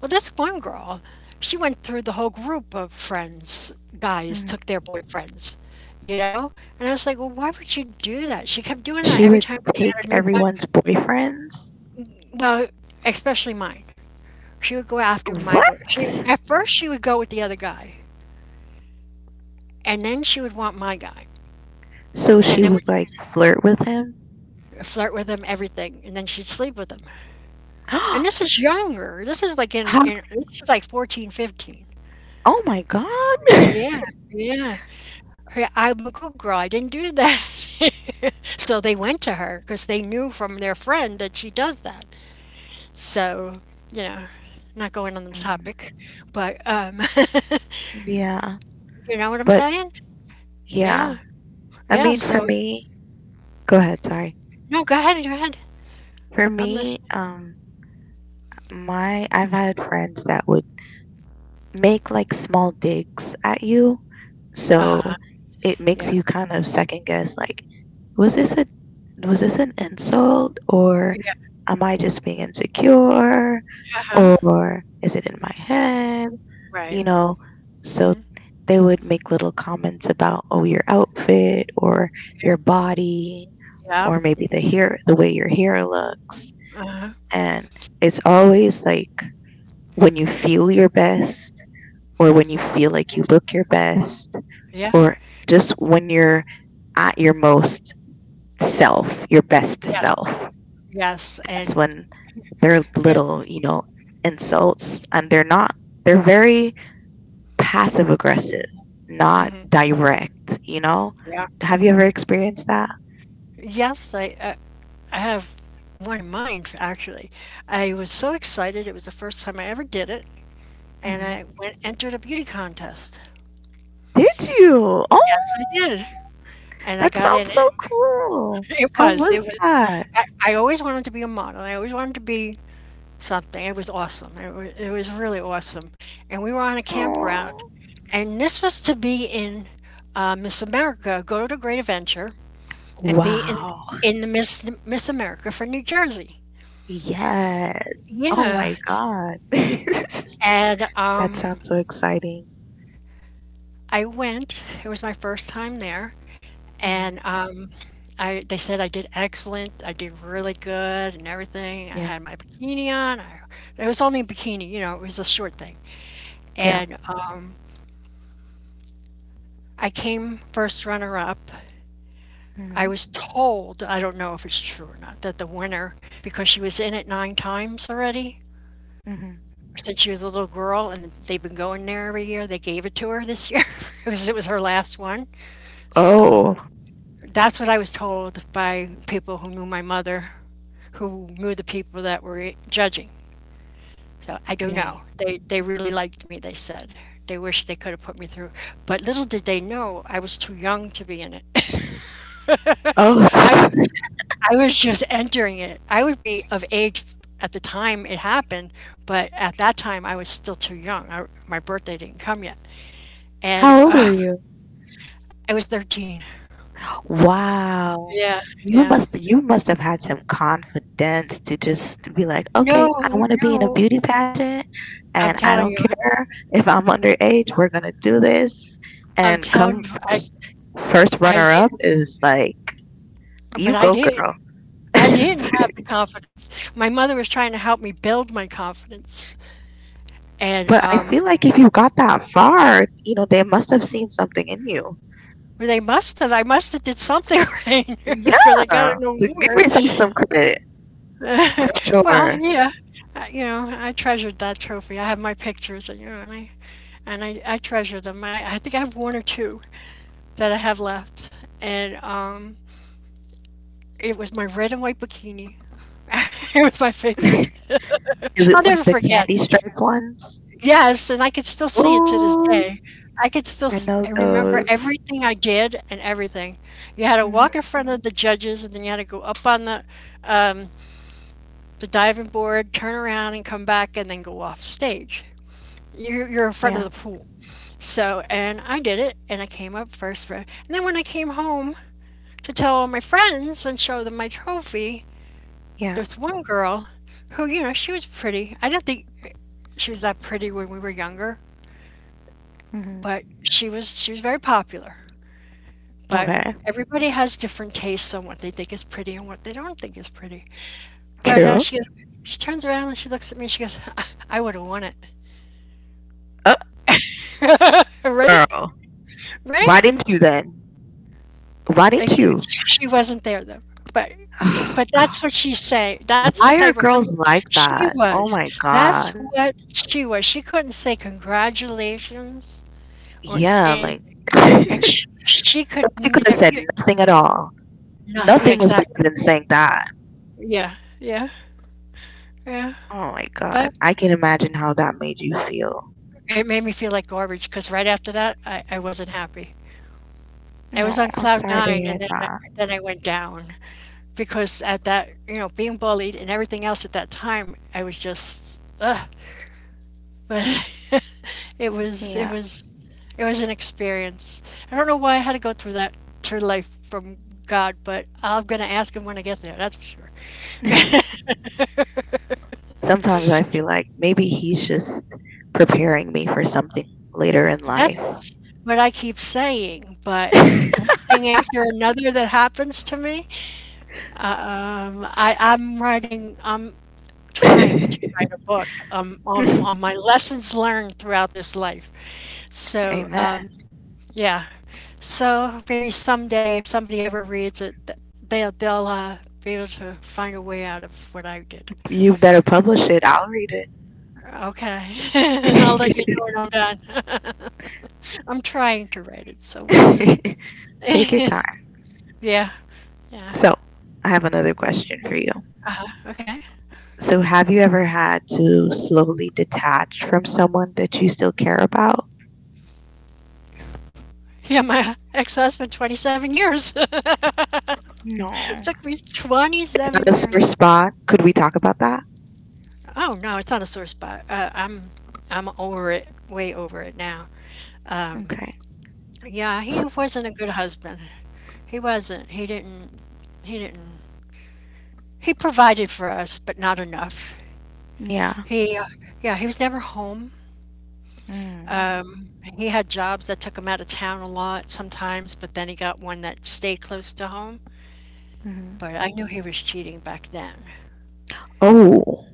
Speaker 2: Well, this one girl, she went through the whole group of friends guys took their boyfriends, you know? And I was like, "Well, why would you do that?" She kept doing
Speaker 1: She
Speaker 2: that every
Speaker 1: would
Speaker 2: time we
Speaker 1: take
Speaker 2: got a new buddy.
Speaker 1: everyone's boyfriends.
Speaker 2: Well, especially mine. She would go after my
Speaker 1: What?
Speaker 2: boy she at first, she would go with the other guy. And then she would want my guy.
Speaker 1: So
Speaker 2: And
Speaker 1: she
Speaker 2: then would
Speaker 1: would like flirt with him?
Speaker 2: flirt with him, everything. And then she'd sleep with him.
Speaker 1: How?
Speaker 2: And this is younger. This is like in, in this is like fourteen, fifteen.
Speaker 1: Oh my God.
Speaker 2: Yeah, yeah. Her- I'm a good girl. I didn't do that. So they went to her because they knew from their friend that she does that. So, you know, not going on the
Speaker 1: Mm.
Speaker 2: topic, but um,
Speaker 1: Yeah.
Speaker 2: you know what I'm
Speaker 1: But
Speaker 2: saying?
Speaker 1: yeah.
Speaker 2: Yeah,
Speaker 1: I
Speaker 2: yeah.
Speaker 1: mean, for
Speaker 2: So,
Speaker 1: me, go ahead, sorry.
Speaker 2: no, go ahead, go ahead.
Speaker 1: For
Speaker 2: I'm
Speaker 1: me,
Speaker 2: listening.
Speaker 1: um my I've had friends that would make like small digs at you.
Speaker 2: Uh
Speaker 1: So
Speaker 2: huh.
Speaker 1: it makes
Speaker 2: Yeah,
Speaker 1: you kind of second guess, like, Was this a was this an insult, or
Speaker 2: yeah.
Speaker 1: am I just being insecure,
Speaker 2: Uh huh.
Speaker 1: or is it in my head?
Speaker 2: Right.
Speaker 1: You know, so
Speaker 2: Mm-hmm.
Speaker 1: they would make little comments about, oh, your outfit, or your body,
Speaker 2: Yep,
Speaker 1: or maybe the hair the way your hair looks,
Speaker 2: uh-huh,
Speaker 1: and it's always like when you feel your best, or when you feel like you look your best,
Speaker 2: yeah,
Speaker 1: or just when you're at your most self, your best
Speaker 2: yes,
Speaker 1: self.
Speaker 2: yes,
Speaker 1: That's
Speaker 2: and
Speaker 1: when they're
Speaker 2: here's
Speaker 1: little, you know, insults, and they're not they're very passive aggressive, not
Speaker 2: mhm,
Speaker 1: direct, you know?
Speaker 2: yeah.
Speaker 1: Have you ever experienced that?
Speaker 2: Yes, I I I have one in mind, actually. I was so excited, it was the first time I ever did it, and
Speaker 1: Hmm.
Speaker 2: I went entered a beauty contest.
Speaker 1: Did you? Oh,
Speaker 2: Yes, I did, and I
Speaker 1: that
Speaker 2: got
Speaker 1: sounds
Speaker 2: in
Speaker 1: so
Speaker 2: it.
Speaker 1: cool.
Speaker 2: It
Speaker 1: How
Speaker 2: was it
Speaker 1: was
Speaker 2: was
Speaker 1: that?
Speaker 2: I I always wanted to be a model, I always wanted to be something, it was awesome, it was. it was really awesome, and we were on a campground,
Speaker 1: Oh,
Speaker 2: and this was to be in, uh, Miss America, go to Great Adventure and be in
Speaker 1: wow.
Speaker 2: in the Miss Miss America for New Jersey.
Speaker 1: Yes. Oh
Speaker 2: Yeah.
Speaker 1: my God.
Speaker 2: And
Speaker 1: That
Speaker 2: um,
Speaker 1: sounds so exciting.
Speaker 2: I went. It was my first time there, and
Speaker 1: Hmm.
Speaker 2: um, I they said I did excellent. I did really good and everything. I
Speaker 1: Yeah.
Speaker 2: had my bikini on. I, it was only a bikini, you know. It was a short thing,
Speaker 1: Yeah.
Speaker 2: and uh, I came first runner up. I
Speaker 1: Hmm.
Speaker 2: was told, I don't know if it's true or not, that the winner, because she was in it nine times already,
Speaker 1: Hmm.
Speaker 2: since she was a little girl, and they've been going there every year. They gave it to her this year because it was her last one. So
Speaker 1: Oh,
Speaker 2: that's what I was told by people who knew my mother, who knew the people that were judging. So I don't know.
Speaker 1: dang.
Speaker 2: They they really liked me. They said they wish they could have put me through, but little did they know I was too young to be in it.
Speaker 1: Oh,
Speaker 2: I was I was just entering it. I would be of age at the time it happened, but at that time I was still too young. I, my birthday didn't come yet. And
Speaker 1: how old were
Speaker 2: uh,
Speaker 1: you?
Speaker 2: I was thirteen.
Speaker 1: Wow.
Speaker 2: Yeah,
Speaker 1: You
Speaker 2: yeah.
Speaker 1: must you must have had some confidence to just be like,
Speaker 2: No,
Speaker 1: okay, I want to be in a
Speaker 2: no.
Speaker 1: beauty pageant,
Speaker 2: I'm
Speaker 1: and I
Speaker 2: telling
Speaker 1: don't
Speaker 2: you.
Speaker 1: care if I'm underage, we're gonna do this.
Speaker 2: I'm
Speaker 1: And
Speaker 2: telling
Speaker 1: come
Speaker 2: you. I,
Speaker 1: first first
Speaker 2: I
Speaker 1: runner up
Speaker 2: did,
Speaker 1: is like, you
Speaker 2: but I
Speaker 1: go,
Speaker 2: did.
Speaker 1: girl.
Speaker 2: I didn't have the confidence. My mother was trying to help me build my confidence, and
Speaker 1: But I
Speaker 2: um,
Speaker 1: feel like if you got that far, you know, they must have seen something in you.
Speaker 2: well, they must have. I must have did something right because I got
Speaker 1: Yeah.
Speaker 2: an
Speaker 1: So give me
Speaker 2: award.
Speaker 1: some some credit for
Speaker 2: Well,
Speaker 1: sure.
Speaker 2: yeah. I- You know, I treasured that trophy. I have my pictures, and you know, and I and I, I treasure them. I, I think I have one or two that I have left, and um, it was my red and white bikini. It was my favorite.
Speaker 1: Is it
Speaker 2: I'll
Speaker 1: like
Speaker 2: never
Speaker 1: the
Speaker 2: forget.
Speaker 1: candy stripe ones?
Speaker 2: Yes, and I could still see it to this
Speaker 1: Ooh,
Speaker 2: day. I could still
Speaker 1: I
Speaker 2: s
Speaker 1: know
Speaker 2: I remember
Speaker 1: those.
Speaker 2: everything I did and everything. You had to walk in
Speaker 1: Hmm
Speaker 2: front of the judges, and then you had to go up on the, um, the diving board, turn around, and come back, and then go off stage. You're you're in front of
Speaker 1: Yeah,
Speaker 2: the pool. So, and I did it, and I came up first, for and then when I came home to tell all my friends and show them my trophy,
Speaker 1: yeah.
Speaker 2: there's one girl who, you know, she was pretty. I don't think she was that pretty when we were younger,
Speaker 1: hmm
Speaker 2: but she was she was very popular. But
Speaker 1: Okay,
Speaker 2: everybody has different tastes on what they think is pretty and what they don't think is pretty. But uh,
Speaker 1: true.
Speaker 2: she goes, she turns around and she looks at me. She goes, "I I would have won it,
Speaker 1: Up,
Speaker 2: right?
Speaker 1: girl. Why
Speaker 2: Right?"
Speaker 1: didn't you then? Why didn't
Speaker 2: Except
Speaker 1: you?
Speaker 2: she wasn't there though. But
Speaker 1: Oh,
Speaker 2: but
Speaker 1: God.
Speaker 2: that's what she's saying. That's the
Speaker 1: Why
Speaker 2: type
Speaker 1: are
Speaker 2: of
Speaker 1: girls
Speaker 2: person
Speaker 1: like
Speaker 2: she
Speaker 1: that? Oh
Speaker 2: was.
Speaker 1: my
Speaker 2: That's
Speaker 1: God.
Speaker 2: what she was. She couldn't say congratulations or
Speaker 1: Yeah, like.
Speaker 2: anything. And she, she could
Speaker 1: She could have
Speaker 2: never
Speaker 1: said
Speaker 2: y
Speaker 1: nothing at all.
Speaker 2: no yeah,
Speaker 1: Nothing was
Speaker 2: exactly.
Speaker 1: better than saying that.
Speaker 2: Yeah, yeah, yeah,
Speaker 1: Oh my God.
Speaker 2: but
Speaker 1: I can imagine how that made you feel.
Speaker 2: it made me feel like garbage. Because right after that, I I wasn't happy. I
Speaker 1: No,
Speaker 2: was on
Speaker 1: I'm
Speaker 2: cloud
Speaker 1: sorry to
Speaker 2: nine
Speaker 1: hear
Speaker 2: and then I
Speaker 1: that.
Speaker 2: then I went down because at that you know, being bullied and everything else at that time, I was just, ugh, but it was it was it was an experience. I don't know why I had to go through that through life from God, but I'm gonna ask him when I get there, that's for sure.
Speaker 1: Yeah. Sometimes I feel like maybe he's just preparing me for something later in life.
Speaker 2: That's what I keep saying, but one thing after another that happens to me, um, I I'm writing I'm trying to write a book, um, on on my lessons learned throughout this life. So,
Speaker 1: Amen.
Speaker 2: um, yeah. So maybe someday if somebody ever reads it, th- they'll they'll uh, be able to find a way out of what I did.
Speaker 1: you better publish it. I'll read
Speaker 2: Okay. I'll let you know
Speaker 1: it.
Speaker 2: when I'm done. I'm trying to write it, so we'll see.
Speaker 1: Take your time.
Speaker 2: Yeah. Yeah.
Speaker 1: So, I have another
Speaker 2: Yeah.
Speaker 1: question for you.
Speaker 2: Uh-huh. Okay.
Speaker 1: So, have you ever had to slowly detach from someone that you still care about?
Speaker 2: Yeah, my ex-husband, twenty-seven years. It
Speaker 1: No.
Speaker 2: took me
Speaker 1: Is that
Speaker 2: twenty-seven
Speaker 1: a sore
Speaker 2: years.
Speaker 1: spot? Could we talk about that?
Speaker 2: Oh no, it's not a sore spot. Uh, I'm I'm over it, way over it now. Um,
Speaker 1: Okay.
Speaker 2: yeah,
Speaker 1: So,
Speaker 2: he wasn't a good husband. He wasn't. He didn't. He didn't. He provided for us, but not enough.
Speaker 1: yeah.
Speaker 2: He, uh, yeah, he was never home.
Speaker 1: Mm.
Speaker 2: Um, he had jobs that took him out of town a lot sometimes, but then he got one that stayed close to home.
Speaker 1: Mm-hmm.
Speaker 2: But I knew he was cheating back then.
Speaker 1: oh,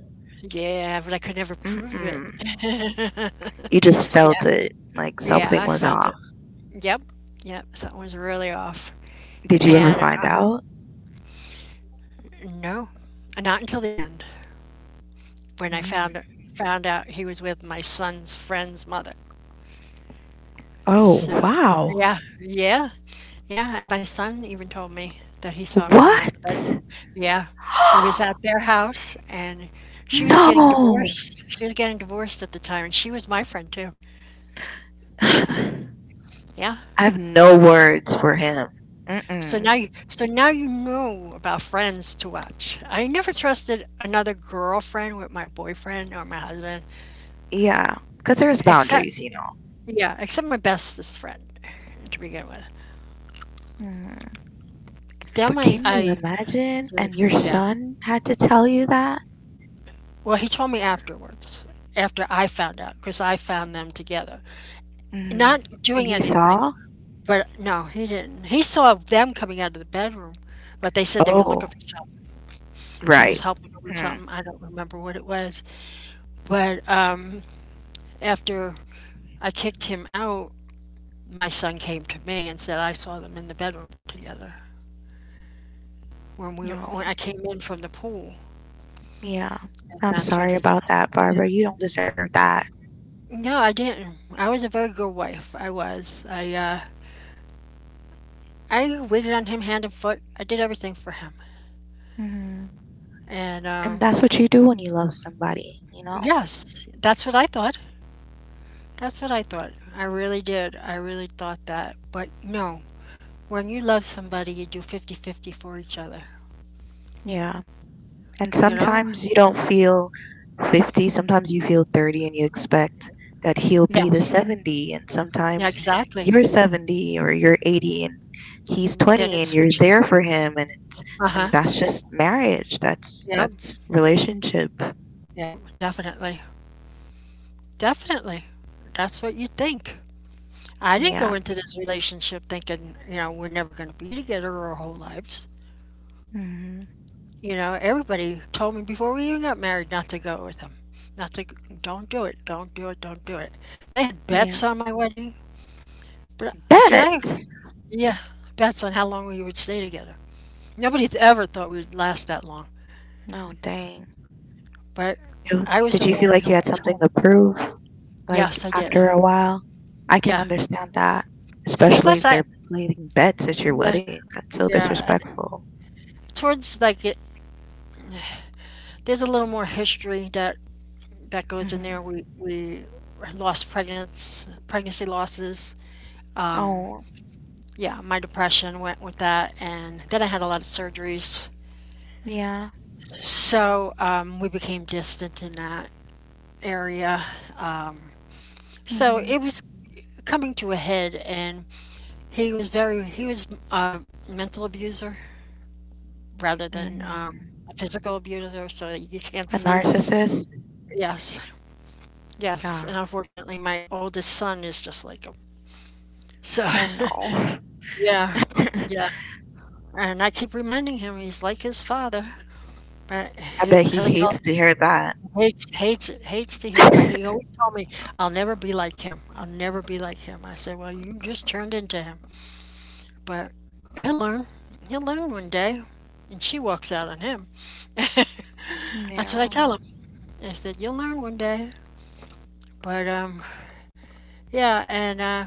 Speaker 2: Yeah, but I could never prove it.
Speaker 1: mm-mm. you just
Speaker 2: Yeah,
Speaker 1: felt it, like
Speaker 2: yeah,
Speaker 1: something
Speaker 2: I
Speaker 1: was
Speaker 2: felt it.
Speaker 1: off.
Speaker 2: Yep, yep, something was really off.
Speaker 1: Did you ever
Speaker 2: And, uh,
Speaker 1: find out?
Speaker 2: no, not until the end when I
Speaker 1: Mm.
Speaker 2: found found out he was with my son's friend's mother.
Speaker 1: Oh,
Speaker 2: So,
Speaker 1: wow.
Speaker 2: yeah, yeah, yeah, and my son even told me that he saw him come out of the
Speaker 1: What?
Speaker 2: bedroom. Yeah, he was at their house, and she was getting
Speaker 1: no.
Speaker 2: divorced. She was getting divorced at the time, and she was my friend too.
Speaker 1: I
Speaker 2: Yeah.
Speaker 1: have no words for him.
Speaker 2: So now
Speaker 1: Mm-mm.
Speaker 2: you so now you know about friends to watch. I never trusted another girlfriend with my boyfriend or my husband,
Speaker 1: Yeah, because there's
Speaker 2: except
Speaker 1: boundaries, you know.
Speaker 2: yeah, except my bestest friend to begin with.
Speaker 1: Mm. But
Speaker 2: Them I
Speaker 1: can you
Speaker 2: I
Speaker 1: imagine? And your
Speaker 2: yeah.
Speaker 1: son had to tell you that?
Speaker 2: Well, he told me afterwards, after I found out, because I found them together,
Speaker 1: Mm.
Speaker 2: not
Speaker 1: And
Speaker 2: doing
Speaker 1: he
Speaker 2: anything.
Speaker 1: saw?
Speaker 2: But no, he didn't. He saw them coming out of the bedroom, but they said they were looking
Speaker 1: Oh,
Speaker 2: for something. He was
Speaker 1: right.
Speaker 2: helping her with
Speaker 1: Mm.
Speaker 2: something. I don't remember what it was. But um, after I kicked him out. My son came to me and said, I saw them in the bedroom together when we
Speaker 1: No,
Speaker 2: when I came in from the pool.
Speaker 1: yeah.
Speaker 2: And
Speaker 1: I'm
Speaker 2: that's when
Speaker 1: sorry
Speaker 2: he
Speaker 1: about
Speaker 2: said,
Speaker 1: that, Barbara. You don't deserve that.
Speaker 2: no, I didn't. I was a very good wife. I was. I uh, I waited on him hand and foot. I did everything for him.
Speaker 1: Hmm
Speaker 2: And
Speaker 1: And
Speaker 2: um,
Speaker 1: that's what you do when you love somebody, you know?
Speaker 2: yes, that's what I thought. That's what I thought. I really did. I really thought that. But no, when you love somebody, you do fifty-fifty for each other.
Speaker 1: Yeah. And
Speaker 2: You know?
Speaker 1: sometimes you don't feel fifty, sometimes you feel thirty and you expect that he'll be the
Speaker 2: Yes.
Speaker 1: seventy. And
Speaker 2: Yeah,
Speaker 1: sometimes
Speaker 2: exactly.
Speaker 1: you're seventy or you're eighty and he's
Speaker 2: Then it
Speaker 1: twenty and you're
Speaker 2: switches.
Speaker 1: there for him. And it's,
Speaker 2: Uh huh.
Speaker 1: and that's just marriage. That's,
Speaker 2: Yep,
Speaker 1: that's relationship.
Speaker 2: yep, definitely. Definitely. That's what you think. I didn't go
Speaker 1: Yeah.
Speaker 2: into this relationship thinking, you know, we're never going to be together our whole lives.
Speaker 1: hmm
Speaker 2: You know, everybody told me before we even got married not to go with him. Not to, don't do it, don't do it, don't do it. They had
Speaker 1: Yeah.
Speaker 2: bets on my wedding. But see, I,
Speaker 1: Bets.
Speaker 2: yeah, bets on how long we would stay together. Nobody ever thought we'd last that long.
Speaker 1: Oh, dang.
Speaker 2: But
Speaker 1: You-
Speaker 2: I was
Speaker 1: Did
Speaker 2: the
Speaker 1: you feel
Speaker 2: one
Speaker 1: like
Speaker 2: who
Speaker 1: you had
Speaker 2: was.
Speaker 1: something to prove? Like
Speaker 2: Yes, I did.
Speaker 1: after a while? I can
Speaker 2: Yeah.
Speaker 1: understand that, especially if
Speaker 2: Plus, I,
Speaker 1: they're placing bets at your
Speaker 2: yeah,
Speaker 1: wedding. That's so
Speaker 2: yeah.
Speaker 1: disrespectful.
Speaker 2: towards like it, there's a little more history that that goes in
Speaker 1: Hmm
Speaker 2: there. We we lost pregnancy pregnancy losses. Um,
Speaker 1: Oh,
Speaker 2: yeah, my depression went with that, and then I had a lot of surgeries.
Speaker 1: yeah.
Speaker 2: So um, we became distant in that area. Um, so
Speaker 1: hmm
Speaker 2: it was coming to a head, and he was very he was a mental abuser rather than um,
Speaker 1: hmm
Speaker 2: a physical abuser. So you can't
Speaker 1: A
Speaker 2: see.
Speaker 1: narcissist?
Speaker 2: Yes. Yes,
Speaker 1: Yeah.
Speaker 2: and unfortunately, my oldest son is just like him. So,
Speaker 1: oh no.
Speaker 2: yeah, yeah, and I keep reminding him he's like his father, but
Speaker 1: I
Speaker 2: he
Speaker 1: bet he
Speaker 2: he'll yell,
Speaker 1: hates to hear that.
Speaker 2: hates hates it, hates to hear it. I- He always told me, "I'll never be like him. I'll never be like him." I said, "Well, you just turned into him, but he'll learn. He'll learn one day." And she walks out on him. That's what I
Speaker 1: yeah.
Speaker 2: tell him. I said, "You'll learn one day." But um, yeah, and uh,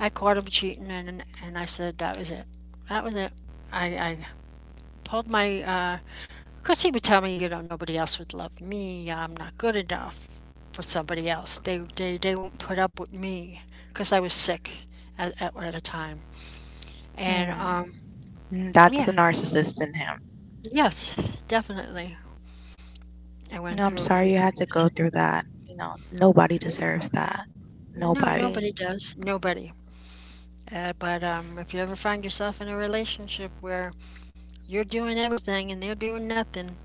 Speaker 2: I caught him cheating, and and I said that was it. That was it. I, I pulled my. Uh, of he would tell me, you know, nobody else would love me. I'm not good enough for somebody else. They they they won't put up with me because I was sick at at, at a time. And
Speaker 1: Mm.
Speaker 2: um,
Speaker 1: Mm, That's
Speaker 2: yeah,
Speaker 1: the narcissist in him.
Speaker 2: yes, definitely. I went
Speaker 1: No, I'm
Speaker 2: through a few
Speaker 1: sorry you had to
Speaker 2: things.
Speaker 1: go through that. You know, nobody deserves that.
Speaker 2: No,
Speaker 1: Nobody.
Speaker 2: nobody does. Nobody. Uh, but um, if you ever find yourself in a relationship where you're doing everything and they're doing nothing,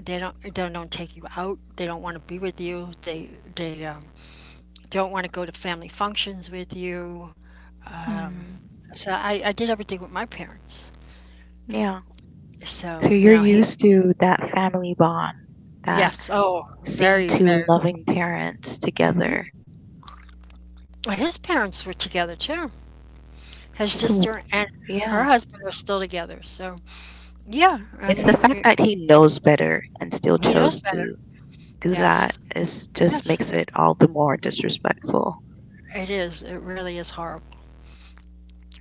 Speaker 2: They don't they don't take you out. They don't want to be with you. They they um, don't want to go to family functions with you. Um,
Speaker 1: Mm,
Speaker 2: so I, I did everything with my parents.
Speaker 1: yeah. So
Speaker 2: So you
Speaker 1: you're
Speaker 2: know he
Speaker 1: used to that family bond, that
Speaker 2: yes oh
Speaker 1: seeing
Speaker 2: very
Speaker 1: two
Speaker 2: very
Speaker 1: loving parents
Speaker 2: hmm.
Speaker 1: together.
Speaker 2: Well, his parents were together too. His
Speaker 1: So,
Speaker 2: sister and her
Speaker 1: yeah.
Speaker 2: husband are still together. So yeah, I
Speaker 1: It's the
Speaker 2: mean
Speaker 1: fact
Speaker 2: it,
Speaker 1: that he knows better and still
Speaker 2: he knows
Speaker 1: chose
Speaker 2: better.
Speaker 1: to do that
Speaker 2: Yes,
Speaker 1: is just
Speaker 2: yes,
Speaker 1: makes it all the more disrespectful.
Speaker 2: it is. It really is horrible.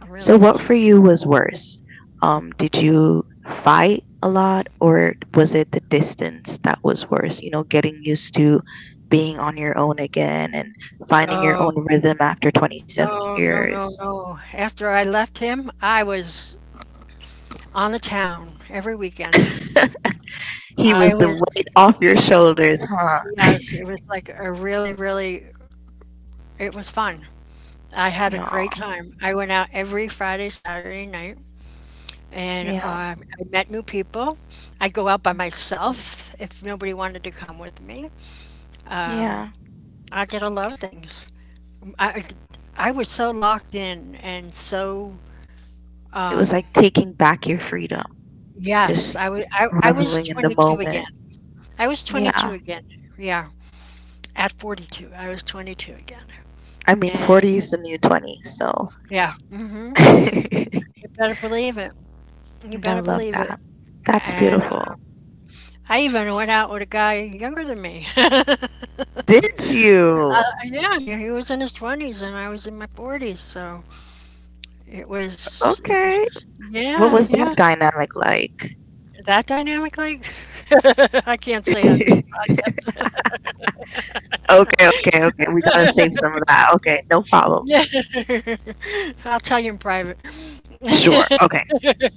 Speaker 2: It
Speaker 1: So,
Speaker 2: really
Speaker 1: what
Speaker 2: is.
Speaker 1: for you was worse? Um, did you fight a lot, or was it the distance that was worse? You know, getting used to being on your own again and finding your
Speaker 2: Oh.
Speaker 1: own rhythm after twenty-seven
Speaker 2: Oh, no, no,
Speaker 1: years.
Speaker 2: no. After I left him, I was on the town every weekend.
Speaker 1: he
Speaker 2: I
Speaker 1: was the
Speaker 2: was,
Speaker 1: weight off your shoulders, huh?
Speaker 2: yes, it was like a really, really, it was fun. I had a
Speaker 1: No,
Speaker 2: great time. I went out every Friday, Saturday night, and
Speaker 1: yeah,
Speaker 2: um, I met new people. I'd go out by myself if nobody wanted to come with me. Um,
Speaker 1: yeah.
Speaker 2: I did a lot of things. I, I was so locked in and so,
Speaker 1: It was
Speaker 2: um,
Speaker 1: like taking back your freedom,
Speaker 2: yes,
Speaker 1: just
Speaker 2: I was, I, I was
Speaker 1: reveling in the
Speaker 2: twenty-two
Speaker 1: moment.
Speaker 2: again. I was twenty-two
Speaker 1: Yeah,
Speaker 2: again. Yeah, at forty-two, I was twenty-two again.
Speaker 1: I mean,
Speaker 2: And
Speaker 1: forty is the new twenty, so.
Speaker 2: yeah, hmm, you better believe it. You
Speaker 1: And I
Speaker 2: better
Speaker 1: love
Speaker 2: believe it.
Speaker 1: that. That's
Speaker 2: And
Speaker 1: beautiful.
Speaker 2: I even went out with a guy younger than me. uh,
Speaker 1: Did you?
Speaker 2: yeah, he he was in his twenties and I was in my forties. So it was, it
Speaker 1: Okay.
Speaker 2: was,
Speaker 1: What
Speaker 2: yeah,
Speaker 1: was
Speaker 2: yeah.
Speaker 1: that dynamic like?
Speaker 2: That dynamic, like, I can't say on this
Speaker 1: okay,
Speaker 2: podcast.
Speaker 1: okay, okay. We gotta save some of that. Okay, no problem.
Speaker 2: yeah. I'll tell you in private.
Speaker 1: Sure. Okay.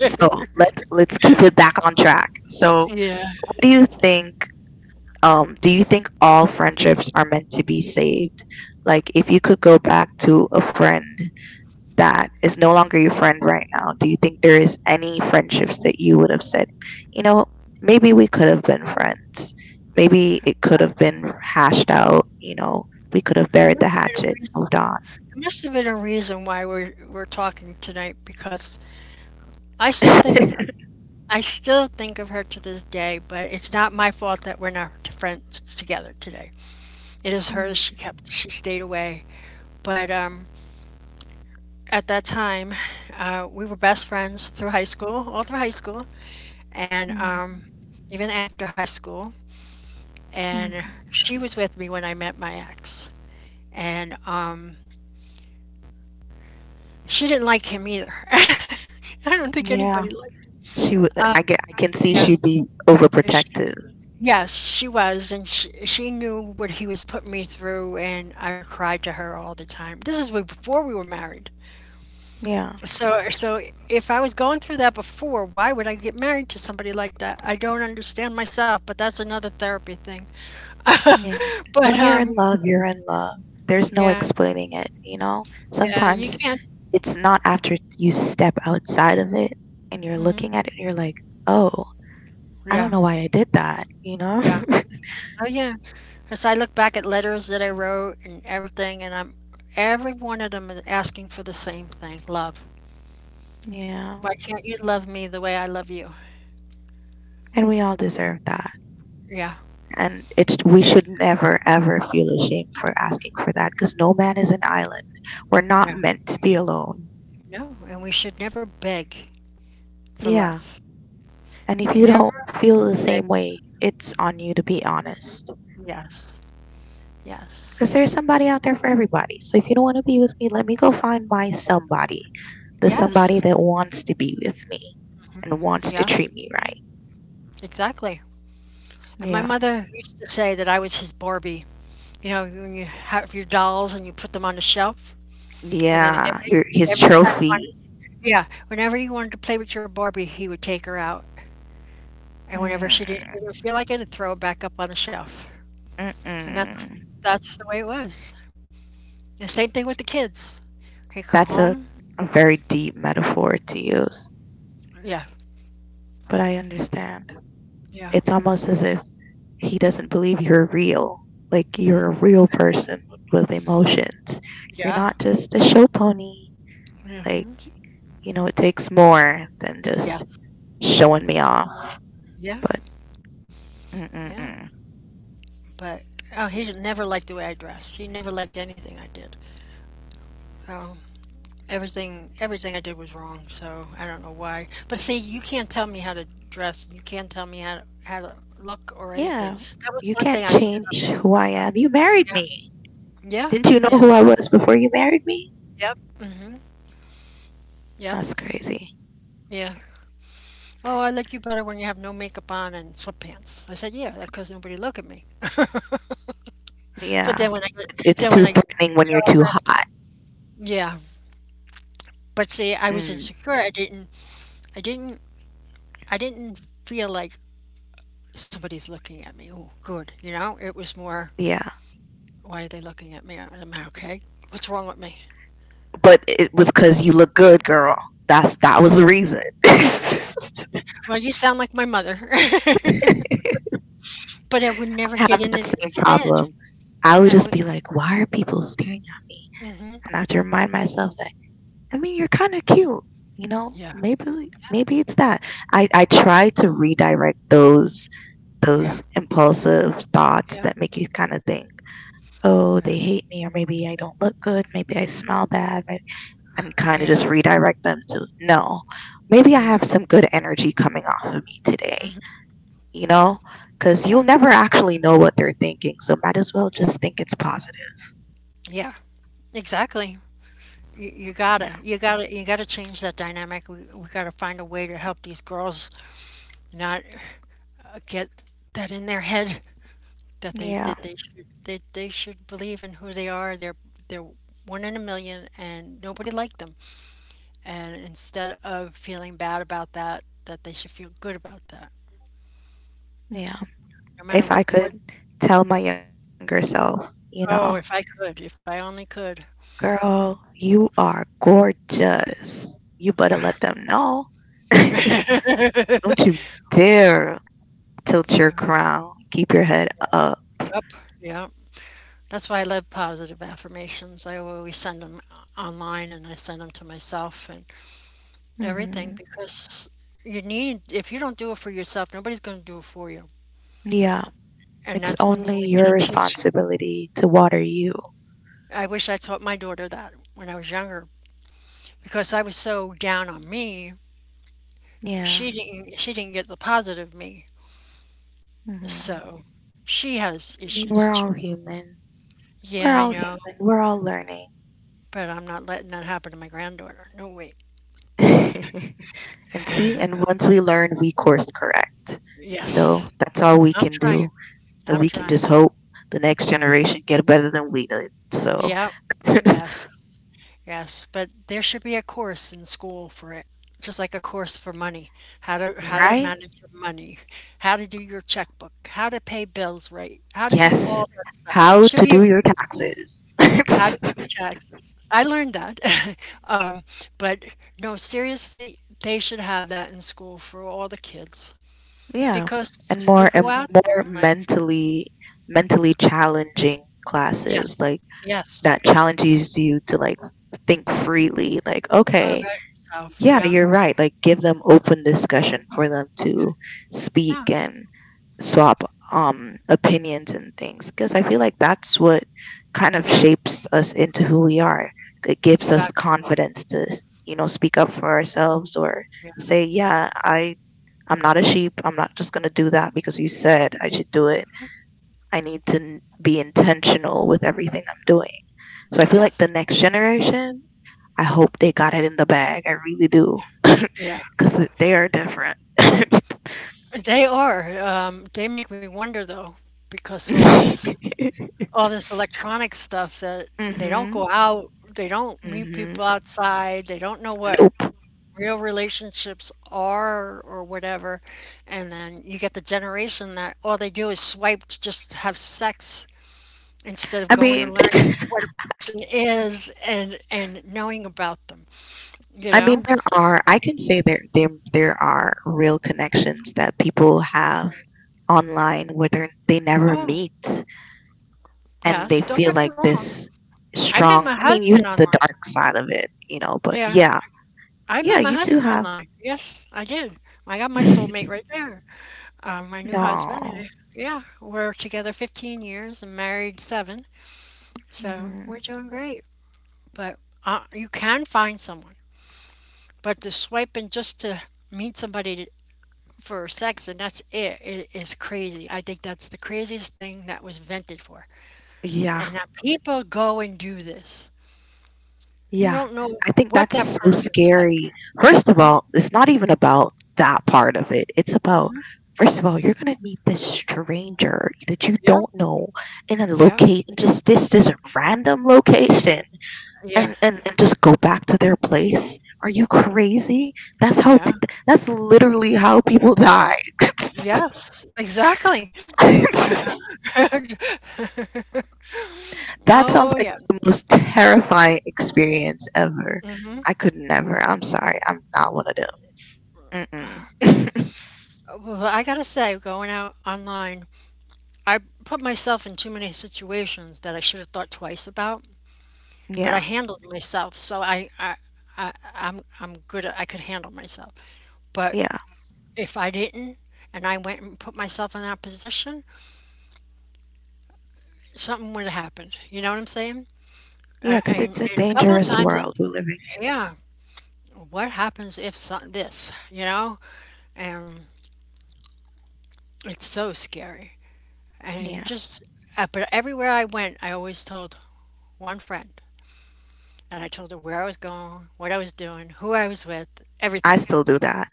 Speaker 1: So let let's keep it back on track. So
Speaker 2: yeah.
Speaker 1: what do you think? Um, do you think all friendships are meant to be saved? Like if you could go back to a friend that is no longer your friend right now, do you think there is any friendships that you would have said, you know, maybe we could have been friends. Maybe it could have been hashed out, you know, we could have
Speaker 2: There
Speaker 1: buried
Speaker 2: must
Speaker 1: the
Speaker 2: have been a
Speaker 1: hatchet,
Speaker 2: reason.
Speaker 1: moved on.
Speaker 2: There must have been a reason why we're we're talking tonight because I still think of her. I still think of her to this day, but it's not my fault that we're not friends together today. It is hers. She
Speaker 1: Mm,
Speaker 2: kept. She stayed away. But um, at that time, uh, we were best friends through high school, all through high school, and
Speaker 1: mm,
Speaker 2: um, even after high school. And
Speaker 1: mm.
Speaker 2: she was with me when I met my ex, and um, she didn't like him either. I don't think
Speaker 1: Yeah,
Speaker 2: anybody liked him.
Speaker 1: she would.
Speaker 2: Um,
Speaker 1: I get. I can see
Speaker 2: yeah.
Speaker 1: she'd be
Speaker 2: Sh
Speaker 1: overprotective.
Speaker 2: yes, she was, and she she knew what he was putting me through, and I would cry to her all the time. This is way before we were married.
Speaker 1: Yeah,
Speaker 2: So so if I was going through that before, why would I get married to somebody like that? I don't understand myself, but that's another therapy thing.
Speaker 1: yeah.
Speaker 2: But
Speaker 1: When you're
Speaker 2: um,
Speaker 1: in love, you're in love. There's no
Speaker 2: yeah,
Speaker 1: explaining it. You know.
Speaker 2: yeah, you
Speaker 1: Sometimes
Speaker 2: can't.
Speaker 1: it's not after you step outside of it and you're looking
Speaker 2: Hmm.
Speaker 1: at it and you're like, oh, I
Speaker 2: Yeah,
Speaker 1: don't know why I did that, you know?
Speaker 2: yeah. Oh yeah. As I look back at letters that I wrote and everything, and I'm every one of them is asking for the same thing, love.
Speaker 1: yeah.
Speaker 2: Why can't you love me the way I love you?
Speaker 1: And we all deserve that.
Speaker 2: Yeah,
Speaker 1: And it's we should never ever feel ashamed for asking for that because no man is an island. We're not
Speaker 2: no,
Speaker 1: meant to be alone.
Speaker 2: no. And we should never beg for
Speaker 1: Yeah.
Speaker 2: love.
Speaker 1: And if you don't
Speaker 2: Never
Speaker 1: feel the
Speaker 2: beg.
Speaker 1: same way, it's on you to be honest.
Speaker 2: Yes,
Speaker 1: Because
Speaker 2: yes,
Speaker 1: there's somebody out there for everybody. So if you don't want to be with me, let me go find my somebody. The somebody
Speaker 2: yes,
Speaker 1: that wants to be with me.
Speaker 2: hmm,
Speaker 1: and wants to
Speaker 2: yes,
Speaker 1: treat me right.
Speaker 2: exactly. And my
Speaker 1: Yeah.
Speaker 2: mother used to say that I was his Barbie. You know, when you have your dolls and you put them on the shelf, and then
Speaker 1: Yeah.
Speaker 2: every
Speaker 1: Your, his
Speaker 2: every time you wanted,
Speaker 1: trophy.
Speaker 2: yeah, whenever you wanted to play with your Barbie, he would take her out, and whenever she didn't,
Speaker 1: Mm,
Speaker 2: didn't feel like it, he'd throw her back up on the shelf. And that's
Speaker 1: mm-mm.
Speaker 2: that's the way it was. The same thing with the kids. He come
Speaker 1: That's
Speaker 2: home.
Speaker 1: a, a very deep metaphor to use,
Speaker 2: Yeah,
Speaker 1: but I understand.
Speaker 2: yeah,
Speaker 1: It's almost as if he doesn't believe you're real. Like you're a
Speaker 2: mhm,
Speaker 1: real person with emotions. You're
Speaker 2: yeah,
Speaker 1: not just a show pony. Like,
Speaker 2: mhm,
Speaker 1: you know, it takes more than just
Speaker 2: yes,
Speaker 1: showing me off.
Speaker 2: yeah,
Speaker 1: But
Speaker 2: yeah.
Speaker 1: mm-mm-mm.
Speaker 2: But oh, he never liked the way I dressed. He never liked anything I did. So everything, everything I did was wrong. So I don't know why. But see, you can't tell me how to dress. You can't tell me how to, how to look or anything.
Speaker 1: yeah,
Speaker 2: That was
Speaker 1: you
Speaker 2: one thing
Speaker 1: can't
Speaker 2: I stood up
Speaker 1: change
Speaker 2: about
Speaker 1: who I
Speaker 2: myself.
Speaker 1: am. You married
Speaker 2: Yeah,
Speaker 1: me.
Speaker 2: yeah,
Speaker 1: Didn't you know
Speaker 2: yeah.
Speaker 1: who I was before you married me?
Speaker 2: Yep. Mhm. Yep.
Speaker 1: That's crazy.
Speaker 2: Yeah. Oh, I like you better when you have no makeup on and sweatpants. I said, yeah, that's because nobody look at me. But
Speaker 1: Yeah.
Speaker 2: then when I
Speaker 1: It-
Speaker 2: get,
Speaker 1: It's
Speaker 2: then when
Speaker 1: too
Speaker 2: I get
Speaker 1: threatening when you're
Speaker 2: all
Speaker 1: too
Speaker 2: dressed up,
Speaker 1: hot.
Speaker 2: yeah. But see, I was
Speaker 1: Mm,
Speaker 2: insecure. I didn't, I didn't, I didn't feel like somebody's looking at me. Oh, good. You know, it was more,
Speaker 1: yeah.
Speaker 2: why are they looking at me? Am I okay? What's wrong with me?
Speaker 1: But it was because you look good, girl. That's that was the reason. I
Speaker 2: Well, you sound like my mother. But I would never
Speaker 1: have
Speaker 2: get
Speaker 1: that
Speaker 2: in in
Speaker 1: same
Speaker 2: his head.
Speaker 1: problem. I would
Speaker 2: I
Speaker 1: just be
Speaker 2: wouldn't.
Speaker 1: like, why are people staring at me?
Speaker 2: Hmm.
Speaker 1: And I have to remind myself that, I mean, you're kind of cute. You know,
Speaker 2: Yeah.
Speaker 1: maybe
Speaker 2: Yeah.
Speaker 1: maybe it's that. I, I try to redirect those those
Speaker 2: Yeah.
Speaker 1: impulsive thoughts
Speaker 2: Yeah.
Speaker 1: that make you kind of think, oh, they hate me, or maybe I don't look good, maybe I smell bad, maybe, and kind of just
Speaker 2: Yeah.
Speaker 1: redirect them to no, maybe I
Speaker 2: Yeah.
Speaker 1: have some good energy coming off of me today,
Speaker 2: Mm-hmm.
Speaker 1: you know? Because you'll
Speaker 2: Yeah.
Speaker 1: never actually know what they're thinking, so might as well just think it's positive.
Speaker 2: Yeah. Exactly. You, you gotta,
Speaker 1: Yeah.
Speaker 2: you gotta, you gotta change that dynamic. We, we gotta find a way to help these girls not uh, get that in their head that they
Speaker 1: Yeah.
Speaker 2: that they should they, they should believe in who they are. They're they're one in a million, and nobody liked them. And instead of feeling bad about that, that they should feel good about that,
Speaker 1: Yeah.
Speaker 2: no
Speaker 1: If
Speaker 2: matter
Speaker 1: I
Speaker 2: what.
Speaker 1: could tell my younger self, you know,
Speaker 2: Oh, if I could, if I only could.
Speaker 1: girl, you are gorgeous, you better let them know. don't you dare tilt your
Speaker 2: Yeah.
Speaker 1: crown, keep your head up.
Speaker 2: Up. Yeah. That's why I love positive affirmations. I always send them online and I send them to myself and everything
Speaker 1: Hmm
Speaker 2: because you need, if you don't do it for yourself, nobody's going to do it for you.
Speaker 1: Yeah,
Speaker 2: And
Speaker 1: it's
Speaker 2: that's one thing
Speaker 1: only
Speaker 2: we need
Speaker 1: your
Speaker 2: to teach.
Speaker 1: responsibility to water you.
Speaker 2: I wish I taught my daughter that when I was younger because I was so down on me.
Speaker 1: Yeah.
Speaker 2: She didn't, she didn't get the positive me.
Speaker 1: hmm
Speaker 2: So she has
Speaker 1: I mean,
Speaker 2: issues
Speaker 1: we're
Speaker 2: too.
Speaker 1: all human. We're
Speaker 2: Yeah, I
Speaker 1: all
Speaker 2: know,
Speaker 1: human. We're all learning.
Speaker 2: but I'm not letting that happen to my granddaughter. No, wait.
Speaker 1: and see, and once we learn, we course correct. So
Speaker 2: Yes,
Speaker 1: that's all we
Speaker 2: I'm
Speaker 1: can
Speaker 2: trying.
Speaker 1: do. And
Speaker 2: I'm
Speaker 1: we can
Speaker 2: trying.
Speaker 1: just hope the next generation get better than we did. So,
Speaker 2: Yep. Yes. Yes. But there should be a course in school for it, just like a course for money. How to how to
Speaker 1: right?
Speaker 2: manage your money, how to do your checkbook, how to pay bills right, how to do
Speaker 1: Yes.
Speaker 2: all that stuff.
Speaker 1: How
Speaker 2: Should
Speaker 1: to
Speaker 2: be a,
Speaker 1: do your taxes.
Speaker 2: how to do your taxes. I learned that. um, but no, seriously, they should have that in school for all the kids
Speaker 1: Yeah, and
Speaker 2: because
Speaker 1: more
Speaker 2: we go
Speaker 1: um,
Speaker 2: out there
Speaker 1: more
Speaker 2: in life.
Speaker 1: mentally mentally challenging classes
Speaker 2: Yes.
Speaker 1: like
Speaker 2: Yes.
Speaker 1: that challenges you to like think freely. Like, okay,
Speaker 2: About yourself.
Speaker 1: yeah,
Speaker 2: Yeah.
Speaker 1: you're right. Like, give them open discussion for them to speak
Speaker 2: Yeah.
Speaker 1: and swap um opinions and things because I feel like that's what kind of
Speaker 2: Yeah.
Speaker 1: shapes us into who we are. It gives us
Speaker 2: Exactly.
Speaker 1: confidence to you know speak up for ourselves or
Speaker 2: Yeah.
Speaker 1: say, yeah, I I'm not a sheep. I'm not just going to do that because you said I should do it. I need to n- be intentional with everything I'm doing. So I feel like the
Speaker 2: Yes.
Speaker 1: next generation, I hope they got it in the bag. I really do.
Speaker 2: Yeah,
Speaker 1: Because they are different.
Speaker 2: they are. Um, they make me wonder though, because all this all this electronic stuff that they don't
Speaker 1: Mm-hmm.
Speaker 2: go out, they don't meet people
Speaker 1: Mm-hmm.
Speaker 2: outside, they don't know what
Speaker 1: Nope.
Speaker 2: real relationships are or whatever. And then you get the generation that all they do is swipe to just have sex instead of
Speaker 1: I
Speaker 2: going to
Speaker 1: mean,
Speaker 2: learn what a person is and and knowing about them, you
Speaker 1: I mean,
Speaker 2: know?
Speaker 1: there are. I can say there, there, there are real connections that people have online where they they never
Speaker 2: Oh,
Speaker 1: meet. and they
Speaker 2: yes, don't
Speaker 1: feel
Speaker 2: get me
Speaker 1: like
Speaker 2: wrong.
Speaker 1: this
Speaker 2: I met
Speaker 1: strong.
Speaker 2: my
Speaker 1: I mean, you
Speaker 2: husband
Speaker 1: have the
Speaker 2: online.
Speaker 1: dark side of it, you know, but
Speaker 2: Yeah.
Speaker 1: yeah,
Speaker 2: I
Speaker 1: yeah,
Speaker 2: met my
Speaker 1: you do
Speaker 2: husband
Speaker 1: have.
Speaker 2: online. Yes, I did. I got my soulmate right there. Um, my new husband.
Speaker 1: no.
Speaker 2: And- Yeah, we're together fifteen years and married seven, so we're
Speaker 1: hmm
Speaker 2: doing great. But uh, you can find someone, but the swiping just to meet somebody to, for sex and that's it, it is crazy. I think that's the craziest thing that was invented for,
Speaker 1: Yeah.
Speaker 2: and that people go and do this. You
Speaker 1: Yeah.
Speaker 2: don't know
Speaker 1: I think
Speaker 2: what
Speaker 1: that's
Speaker 2: that
Speaker 1: so
Speaker 2: person's like.
Speaker 1: scary. First of all,
Speaker 2: Mhm.
Speaker 1: it's not even about that part of it. It's about, first of all, you're going to meet this stranger that you
Speaker 2: Yeah.
Speaker 1: don't know in a
Speaker 2: Yep.
Speaker 1: location, just this, this random location.
Speaker 2: Yeah.
Speaker 1: and and and just go back to their place. Are you crazy? That's how. p-
Speaker 2: Yeah.
Speaker 1: That's literally how people die.
Speaker 2: Yes, exactly.
Speaker 1: that
Speaker 2: Oh,
Speaker 1: sounds like
Speaker 2: yeah.
Speaker 1: the most terrifying experience ever. I could never. I'm sorry. I'm not one of them. Mm-mm.
Speaker 2: Well, I gotta say, going out online, I put myself in too many situations that I should have thought twice about, but I
Speaker 1: yeah,
Speaker 2: handled myself. So I, I, I, I'm, I'm good at, I could handle myself. But
Speaker 1: yeah,
Speaker 2: if I didn't, and I went and put myself in that position, something would have happened. You know what I'm saying?
Speaker 1: yeah.
Speaker 2: And,
Speaker 1: Because
Speaker 2: and,
Speaker 1: it's a
Speaker 2: and a couple of
Speaker 1: dangerous
Speaker 2: times,
Speaker 1: world we're living
Speaker 2: yeah, what happens if some, this, you know? And. It's so scary.
Speaker 1: in.
Speaker 2: And
Speaker 1: Yeah,
Speaker 2: just, uh, but everywhere I went, I always told one friend. And I told her where I was going, what I was doing, who I was with,
Speaker 1: I
Speaker 2: everything,
Speaker 1: still do that.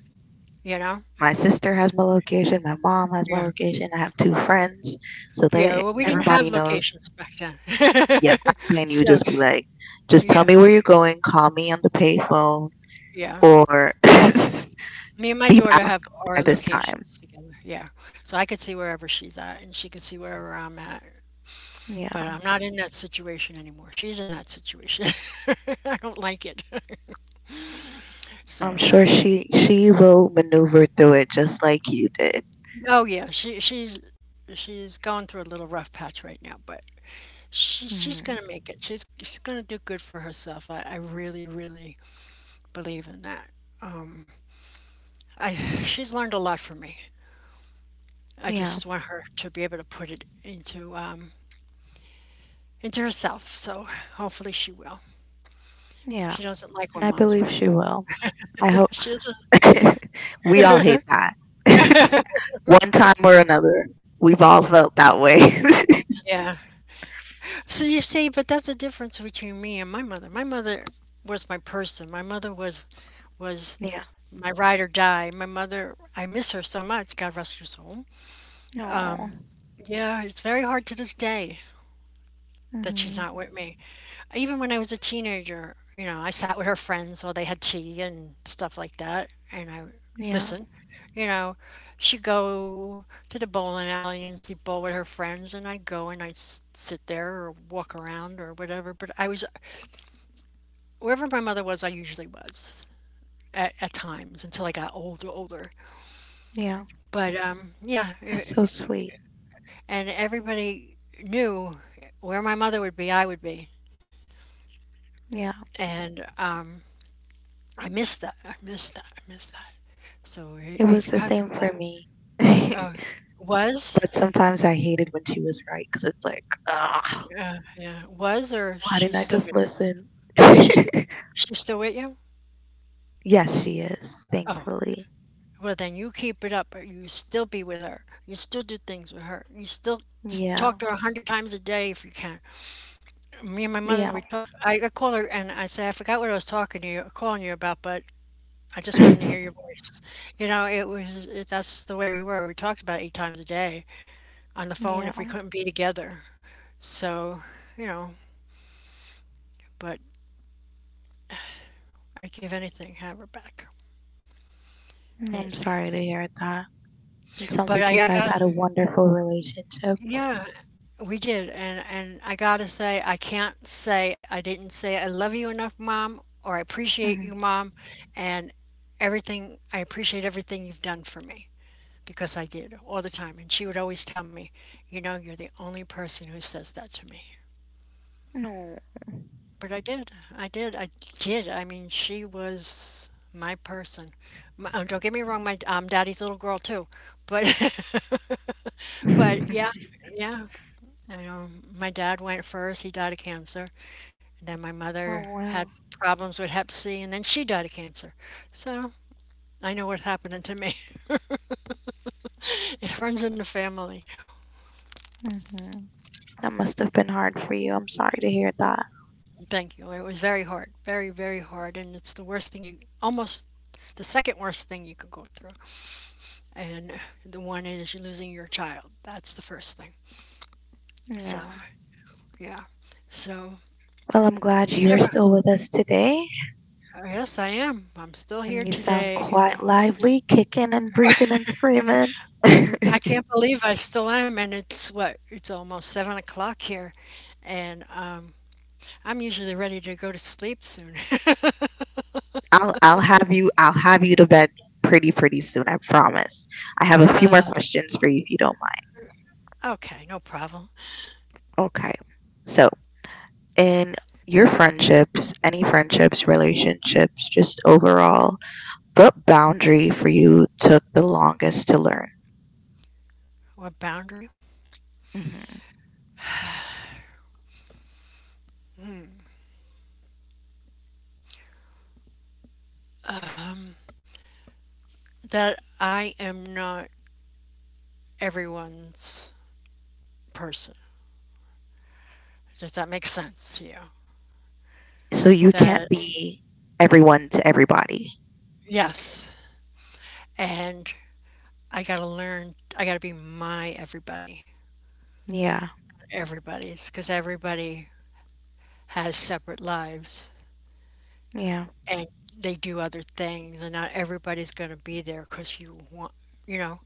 Speaker 2: you know?
Speaker 1: My sister has my location. My mom has my
Speaker 2: Yeah.
Speaker 1: location. I have two friends, so
Speaker 2: Yeah.
Speaker 1: they
Speaker 2: Well, we didn't
Speaker 1: everybody
Speaker 2: have
Speaker 1: knows
Speaker 2: locations back then.
Speaker 1: yeah, back then you would
Speaker 2: So,
Speaker 1: just be like, just tell
Speaker 2: yeah.
Speaker 1: me where you're going, call me on the payphone,
Speaker 2: Yeah.
Speaker 1: or
Speaker 2: Me and my
Speaker 1: be
Speaker 2: daughter
Speaker 1: back
Speaker 2: have
Speaker 1: by
Speaker 2: our
Speaker 1: this time.
Speaker 2: locations together. Yeah. So I could see wherever she's at and she could see wherever I'm at. But
Speaker 1: Yeah,
Speaker 2: I'm not in that situation anymore. She's in that situation. I don't like it.
Speaker 1: I'm
Speaker 2: So,
Speaker 1: sure she she will maneuver through it just like you did.
Speaker 2: oh yeah, she she's she's going through a little rough patch right now, but she she's
Speaker 1: Mhm.
Speaker 2: gonna make it. She's she's gonna do good for herself. I, I really really believe in that. I she's learned a lot from me. I
Speaker 1: Yeah,
Speaker 2: just want her to be able to put it into um into herself. So hopefully she will.
Speaker 1: yeah,
Speaker 2: She doesn't like
Speaker 1: and
Speaker 2: when
Speaker 1: I
Speaker 2: mom's
Speaker 1: believe
Speaker 2: right.
Speaker 1: she will. I hope
Speaker 2: She doesn't.
Speaker 1: we all hate that. One time or another, we've all
Speaker 2: Yep.
Speaker 1: felt that way.
Speaker 2: Yeah. So you see, but that's the difference between me and my mother. My mother was my person. My mother was was
Speaker 1: yeah.
Speaker 2: my ride or die. My mother, I miss her so much. God rest her soul.
Speaker 1: No.
Speaker 2: Yeah, it's very hard to this day that
Speaker 1: hmm
Speaker 2: she's not with me. Even when I was a teenager, you know, I sat with her friends while they had tea and stuff like that, and I
Speaker 1: Yeah.
Speaker 2: listen. You know, she'd go to the bowling alley and she'd bowl with her friends, and I'd go and I'd s- sit there or walk around or whatever. But I was wherever my mother was, I usually was at, at times until I got older, older.
Speaker 1: Yeah.
Speaker 2: But um, yeah,
Speaker 1: That's so
Speaker 2: e-
Speaker 1: sweet.
Speaker 2: and everybody knew where my mother would be, I would be,
Speaker 1: Yeah.
Speaker 2: and um, I missed that. I missed that. I missed that. So I-
Speaker 1: It was
Speaker 2: if you
Speaker 1: the
Speaker 2: have your
Speaker 1: same for
Speaker 2: black,
Speaker 1: me. but
Speaker 2: uh, was
Speaker 1: sometimes I hated when she was right because it's like, ah,
Speaker 2: uh, yeah was or
Speaker 1: why didn't
Speaker 2: she's
Speaker 1: I
Speaker 2: still
Speaker 1: just
Speaker 2: with
Speaker 1: listen?
Speaker 2: she's still she's still with you.
Speaker 1: yes, she is,
Speaker 2: Oh,
Speaker 1: thankfully.
Speaker 2: well, then you keep it up, but you still be with her. You still do things with her. You still s-
Speaker 1: Yeah,
Speaker 2: talk to her a hundred times a day if you can. Me and my mother
Speaker 1: yeah,
Speaker 2: we talk. I, I call her and I say I forgot what I was talking to you, calling you about, but I just wanted to hear your voice. You know, it was it, that's the way we were. We talked about eight times a day on the phone
Speaker 1: yeah.
Speaker 2: if we couldn't be together. So you know, but I'd give anything have her back,
Speaker 1: I'm
Speaker 2: anything.
Speaker 1: sorry to hear that. It sounds
Speaker 2: But
Speaker 1: like
Speaker 2: I,
Speaker 1: you
Speaker 2: I
Speaker 1: guys
Speaker 2: got
Speaker 1: had a wonderful relationship.
Speaker 2: yeah. We did, and and I gotta say, I can't say I didn't say I love you enough, Mom, or I appreciate you,
Speaker 1: Mhm.
Speaker 2: Mom, and everything. I appreciate everything you've done for me. Because I did all the time. And she would always tell me, you know, you're the only person who says that to me.
Speaker 1: No.
Speaker 2: But I did. I did. I did. I mean, she was my person. My, oh, don't get me wrong, my um, daddy's little girl, too. But, but yeah, yeah. You know, my dad went first. He died of cancer. And then my
Speaker 1: oh,
Speaker 2: mother
Speaker 1: well.
Speaker 2: had problems with Hep C, and then she died of cancer. So I know what happened to me. It runs in the family.
Speaker 1: Hmm That must have been hard for you. I'm sorry to hear that.
Speaker 2: Thank you. It was very hard, very, very hard, and it's the worst thing you almost the second worst thing you could go through. And the one is you're losing your child. That's the first thing. So,
Speaker 1: Yeah.
Speaker 2: yeah. So,
Speaker 1: Well, I'm glad
Speaker 2: you
Speaker 1: you're
Speaker 2: never,
Speaker 1: still with us today.
Speaker 2: oh, yes, I am. I'm still
Speaker 1: And
Speaker 2: here
Speaker 1: you sound
Speaker 2: today.
Speaker 1: quite lively, kicking and breathing and screaming.
Speaker 2: I can't believe I still am, and it's what? It's almost seven o'clock here, and um, I'm usually ready to go to sleep soon.
Speaker 1: I'll I'll have you I'll have you to bed pretty pretty soon, I promise. I have a few more questions for you if you don't
Speaker 2: Okay, no problem.
Speaker 1: mind. Okay. So in your friendships, any friendships, relationships, just overall, what boundary for you took the longest to learn?
Speaker 2: What boundary?
Speaker 1: Hmm.
Speaker 2: That I am not everyone's person. Does that make sense to you?
Speaker 1: So you can't
Speaker 2: That,
Speaker 1: be everyone to everybody.
Speaker 2: yes. And I got to learn, I got to be my everybody,
Speaker 1: Yeah,
Speaker 2: everybody's, because everybody has separate lives
Speaker 1: yeah,
Speaker 2: and they do other things, and not everybody's going to be there because you want, you know,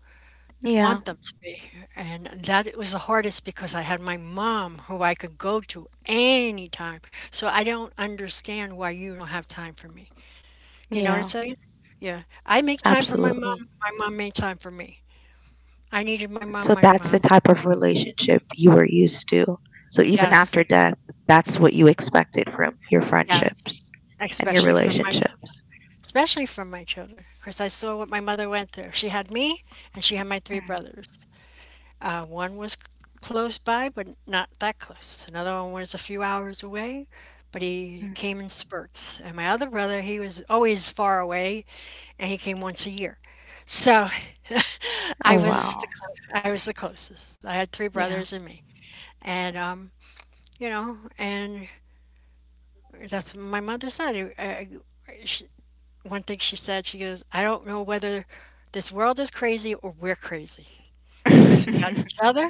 Speaker 1: yeah,
Speaker 2: want them to be. And that it was the hardest because I had my mom who I could go to anytime. So I don't understand why you don't have time for me. You know what I'm
Speaker 1: yeah,
Speaker 2: saying? Yeah. I make time for my
Speaker 1: absolutely.
Speaker 2: mom. My mom made time for me. I needed my mom,
Speaker 1: So
Speaker 2: my
Speaker 1: that's the
Speaker 2: mom
Speaker 1: type of relationship you were used to. So even
Speaker 2: yes,
Speaker 1: after death, that's what you expected from your
Speaker 2: yes,
Speaker 1: friendships and your
Speaker 2: especially from my
Speaker 1: relationships.
Speaker 2: especially from my children, because I saw what my mother went through. She had me, and she had my three
Speaker 1: Mhm.
Speaker 2: brothers. Uh, one was c close by, but not that close. Another one was a few hours away, but he
Speaker 1: Mm.
Speaker 2: came in spurts. And my other brother, he was always far away, and he came once a year. So, I
Speaker 1: Oh,
Speaker 2: was the
Speaker 1: wow.
Speaker 2: clo I was the closest. I had three brothers
Speaker 1: Yeah.
Speaker 2: and me. And, um, you know, and that's what my mother said. I, I- she, One thing she said, she goes, I don't know whether this world is crazy or we're crazy because we got each other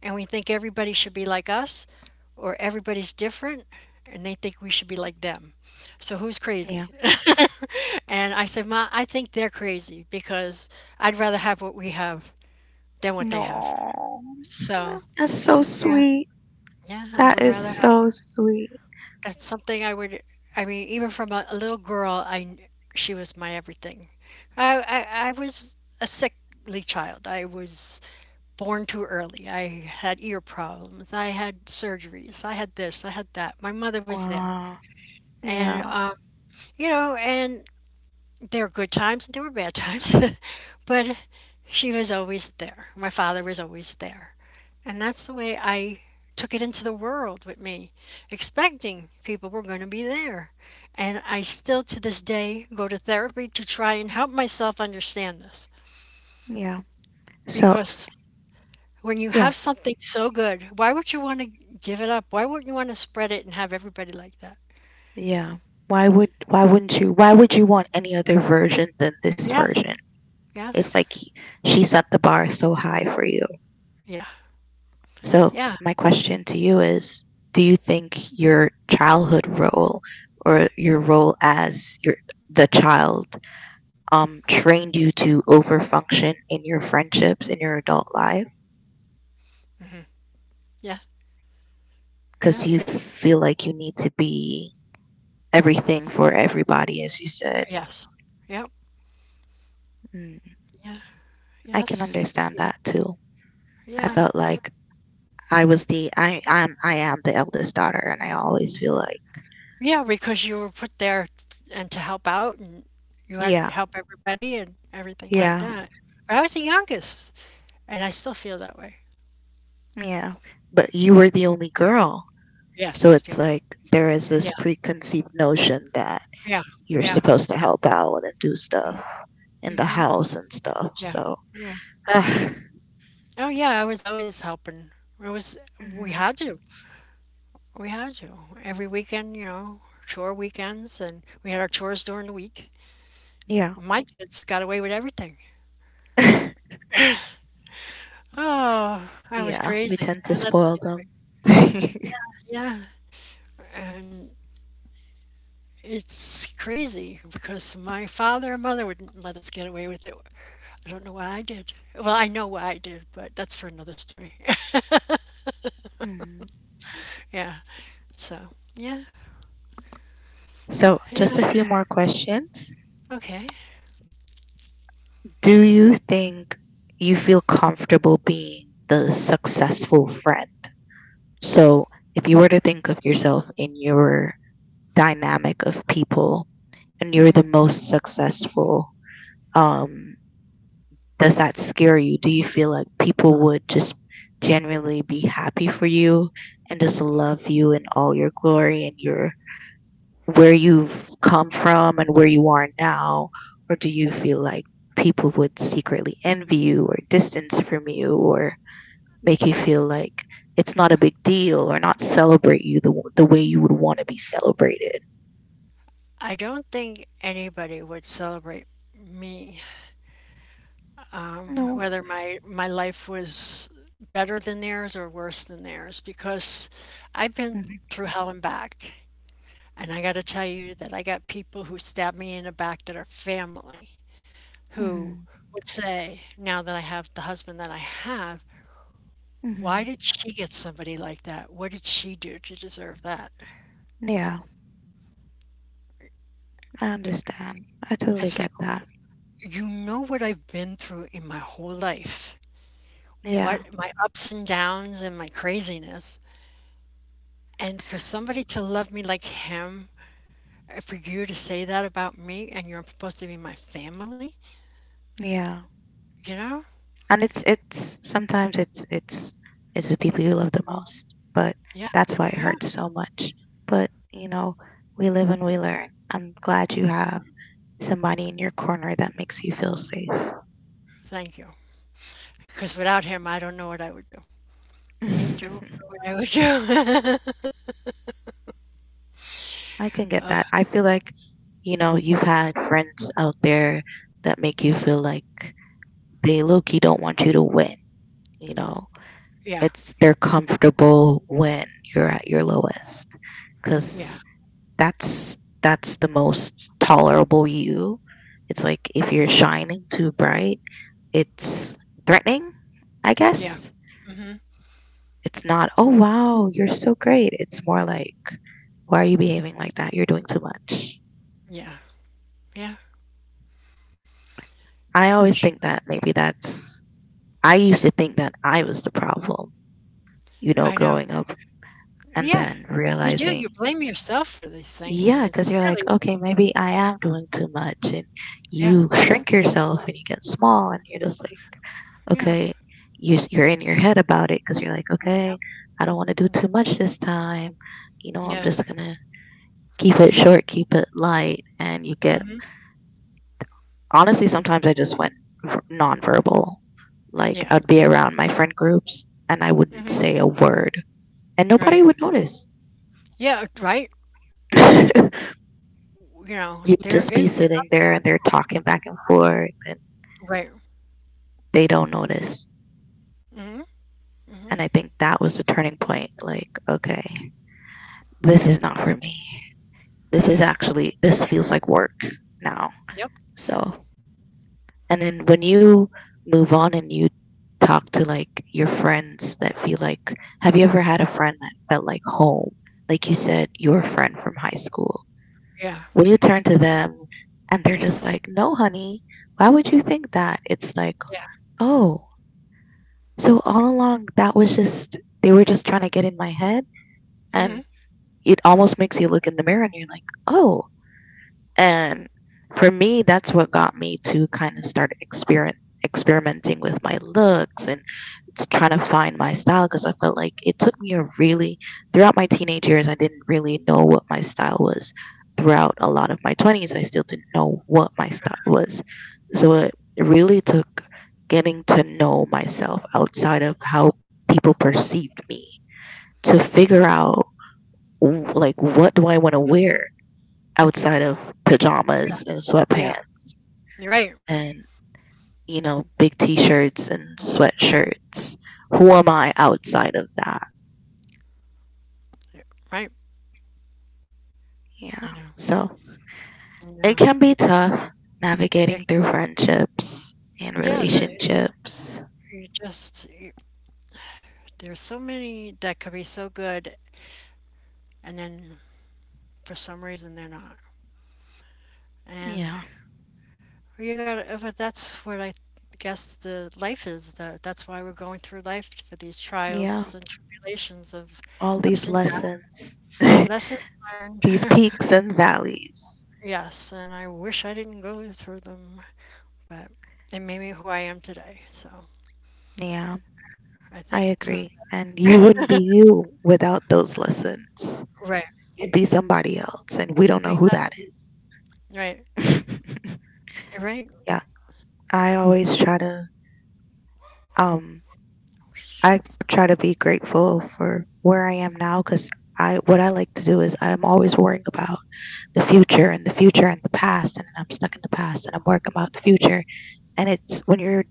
Speaker 2: and we think everybody should be like us or everybody's different and they think we should be like them. So who's crazy?
Speaker 1: yeah.
Speaker 2: And I said, Ma, I think they're crazy because I'd rather have what we have than what they have.
Speaker 1: No.
Speaker 2: So,
Speaker 1: That's so
Speaker 2: yeah,
Speaker 1: sweet.
Speaker 2: yeah, I
Speaker 1: That
Speaker 2: would
Speaker 1: is
Speaker 2: rather have.
Speaker 1: so sweet.
Speaker 2: That's something I would, I mean, even from a, a little girl, I, kn- she was my everything. I, I, I was a sickly child. I was born too early. I had ear problems. I had surgeries. I had this. I had that. My mother was there.
Speaker 1: Wow.
Speaker 2: And,
Speaker 1: Yeah.
Speaker 2: um, you know, and there were good times and there were bad times, but she was always there. My father was always there. And that's the way I took it into the world with me, expecting people were going to be there. And I still to this day go to therapy to try and help myself understand this.
Speaker 1: Yeah. So,
Speaker 2: Because when you
Speaker 1: yeah,
Speaker 2: have something so good, why would you want to give it up? Why wouldn't you want to spread it and have everybody like that?
Speaker 1: yeah. Why would why wouldn't you? Why would you want any other version than this
Speaker 2: Yes,
Speaker 1: version? It's
Speaker 2: yes,
Speaker 1: like he- she set the bar so high for you.
Speaker 2: yeah,
Speaker 1: So,
Speaker 2: yeah,
Speaker 1: my question to you is, do you think your childhood role or your role as your the child um trained you to overfunction in your friendships in your adult life?
Speaker 2: yeah, yeah,
Speaker 1: Because you feel like you need to be everything for everybody, as you said.
Speaker 2: yes, yep,
Speaker 1: Mm,
Speaker 2: yeah.
Speaker 1: I can
Speaker 2: Yes.
Speaker 1: understand that too.
Speaker 2: Yeah.
Speaker 1: I felt like I was the I am I am the eldest daughter, and I always feel like
Speaker 2: Yeah, because you were put there t- and to help out and you had
Speaker 1: yeah,
Speaker 2: to help everybody and everything like
Speaker 1: yeah,
Speaker 2: that. But I was the youngest and I still feel that way.
Speaker 1: yeah. But you were the only girl,
Speaker 2: Yes,
Speaker 1: so
Speaker 2: I was the
Speaker 1: it's
Speaker 2: only
Speaker 1: like
Speaker 2: girl.
Speaker 1: there is this
Speaker 2: Yeah.
Speaker 1: preconceived notion that
Speaker 2: Yeah.
Speaker 1: you're
Speaker 2: Yeah.
Speaker 1: supposed to help out and do stuff in the house and stuff.
Speaker 2: Yeah.
Speaker 1: So
Speaker 2: Yeah.
Speaker 1: mhm,
Speaker 2: Oh yeah, I was always helping. It was we had to. We had to. Every weekend, you know, chore weekends and we had our chores during the week.
Speaker 1: yeah,
Speaker 2: My kids got away with everything. Oh, I was
Speaker 1: yeah, we
Speaker 2: crazy.
Speaker 1: tend to
Speaker 2: I let them
Speaker 1: spoil
Speaker 2: get away.
Speaker 1: them.
Speaker 2: Yeah. And it's crazy because my father and mother wouldn't let us get away with it. I don't know why I did. Well, I know why I did, but that's for another story.
Speaker 1: Mhm.
Speaker 2: Yeah. So, yeah.
Speaker 1: So,
Speaker 2: Yeah.
Speaker 1: just a few more questions.
Speaker 2: Okay.
Speaker 1: Do you think you feel comfortable being the successful friend? So, if you were to think of yourself in your dynamic of people and you're the
Speaker 2: Mhm.
Speaker 1: most successful, um, does that scare you? Do you feel like people would just generally be happy for you and just love you in all your glory and your where you've come from and where you are now? Or do you feel like people would secretly envy you or distance from you or make you feel like it's not a big deal or not celebrate you the, the way you would want to be celebrated?
Speaker 2: I don't think anybody would celebrate me, um,
Speaker 1: No.
Speaker 2: whether my my life was better than theirs or worse than theirs, because I've been
Speaker 1: Hmm.
Speaker 2: through hell and back. And I got to tell you that I got people who stab me in the back that are family. Who
Speaker 1: Hmm.
Speaker 2: would say, now that I have the husband that I have, why
Speaker 1: Hmm.
Speaker 2: did she get somebody like that? What did she do to deserve that?
Speaker 1: Yeah, I understand. I totally
Speaker 2: It's like,
Speaker 1: get that.
Speaker 2: you know what I've been through in my whole life,
Speaker 1: Yeah,
Speaker 2: what my ups and downs and my craziness. And for somebody to love me like him, uh, for you to say that about me and you're supposed to be my family,
Speaker 1: yeah.
Speaker 2: you know?
Speaker 1: And it's it's sometimes it's it's it's the people you love the most, but
Speaker 2: Yeah,
Speaker 1: that's why it
Speaker 2: yeah.
Speaker 1: hurts so much. But you know, we live and we learn. I'm glad you have somebody in your corner that makes you feel safe.
Speaker 2: Thank you. Because without him, I don't know what I would do. I don't know what I would do.
Speaker 1: I can get
Speaker 2: Uh,
Speaker 1: that. I feel like, you know, you've had friends out there that make you feel like they low-key don't want you to win, you know.
Speaker 2: yeah,
Speaker 1: It's they're comfortable when you're at your lowest
Speaker 2: yeah.
Speaker 1: because that's that's the most tolerable you. It's like if you're shining too bright, it's threatening, I
Speaker 2: Yeah.
Speaker 1: guess.
Speaker 2: Mhm.
Speaker 1: It's not, oh wow, you're so great. It's more like, why are you behaving like that? You're doing too much.
Speaker 2: Yeah. Yeah.
Speaker 1: I always
Speaker 2: Sh
Speaker 1: think that maybe that's I used to think that I was the problem, you know,
Speaker 2: I know.
Speaker 1: growing up, and
Speaker 2: Yeah.
Speaker 1: then
Speaker 2: You do, you
Speaker 1: realizing
Speaker 2: blame yourself for these things, and
Speaker 1: yeah,
Speaker 2: it's
Speaker 1: because you're like
Speaker 2: really
Speaker 1: okay, maybe I am doing too much, and
Speaker 2: yeah,
Speaker 1: you shrink yourself and you get small and you're just like
Speaker 2: yeah,
Speaker 1: okay, you s- you're in your head about it because you're like,
Speaker 2: yep,
Speaker 1: okay, I don't want to do
Speaker 2: mhm,
Speaker 1: too much this time. You know, I'm
Speaker 2: yeah,
Speaker 1: just gonna keep it short, keep it light, and you get.
Speaker 2: mhm,
Speaker 1: Honestly, sometimes I just went v- nonverbal. Like,
Speaker 2: yeah,
Speaker 1: I'd be around my friend groups and I wouldn't
Speaker 2: mhm,
Speaker 1: say a word, and nobody
Speaker 2: right.
Speaker 1: would notice.
Speaker 2: Yeah, right? Like, you know,
Speaker 1: You'd
Speaker 2: there
Speaker 1: just be
Speaker 2: is
Speaker 1: sitting
Speaker 2: something
Speaker 1: there and they're talking back and forth, and
Speaker 2: right.
Speaker 1: they don't notice.
Speaker 2: Mhm, mhm,
Speaker 1: And I think that was the turning point. Like, okay, this is not for me. This is
Speaker 2: yeah,
Speaker 1: actually this feels like work now.
Speaker 2: yep,
Speaker 1: So, and then when you move on and you talk to like your friends that feel like have you ever had a friend that felt like home? Like you said, your friend from high school.
Speaker 2: yeah,
Speaker 1: When you turn to them and they're just like, "No, honey, why would you think that?" It's like,
Speaker 2: yeah,
Speaker 1: "Oh, so all along that was just they were just trying to get in my head."
Speaker 2: mhm,
Speaker 1: And it almost makes you look in the mirror and you're like, "Oh," and for me, that's what got me to kind of start experiment experimenting with my looks and s- trying to find my style because I felt like it took me a really throughout my teenage years I didn't really know what my style was. Throughout a lot of my twenties I still didn't know what my style was. So it really took getting to know myself outside of how people perceived me to figure out w- like what do I want to wear, outside of
Speaker 2: yeah,
Speaker 1: pajamas and sweatpants
Speaker 2: yeah, you're right,
Speaker 1: and you know big t-shirts and sweatshirts? Who am I outside of that?
Speaker 2: yeah, right,
Speaker 1: Yeah.
Speaker 2: I know,
Speaker 1: So
Speaker 2: I know.
Speaker 1: it can be tough
Speaker 2: It
Speaker 1: navigating through friendships and
Speaker 2: yeah, the
Speaker 1: relationships.
Speaker 2: you just, y there's so many that could be so good, and then for some reason they're not. And
Speaker 1: Yeah.
Speaker 2: you gotta, but that's what I guess the life is. That that's why we're going through life for these
Speaker 1: Yeah,
Speaker 2: trials and tribulations of
Speaker 1: all
Speaker 2: ups
Speaker 1: these
Speaker 2: and downs,
Speaker 1: lessons.
Speaker 2: lessons learned.
Speaker 1: These peaks and valleys.
Speaker 2: Yes, and I wish I didn't go through them, but it made me who I am today. So
Speaker 1: Yeah,
Speaker 2: I
Speaker 1: I
Speaker 2: think it's for the
Speaker 1: agree. And you wouldn't be you without those lessons.
Speaker 2: right,
Speaker 1: You'd be somebody else, and we don't know who that
Speaker 2: exactly,
Speaker 1: is.
Speaker 2: right, right,
Speaker 1: Yeah. I always try to um I try to be grateful for where I am now, cuz I what I like to do is I'm always worrying about the future and the future and the past, and I'm stuck in the past and I'm worrying about the future. And it's when you're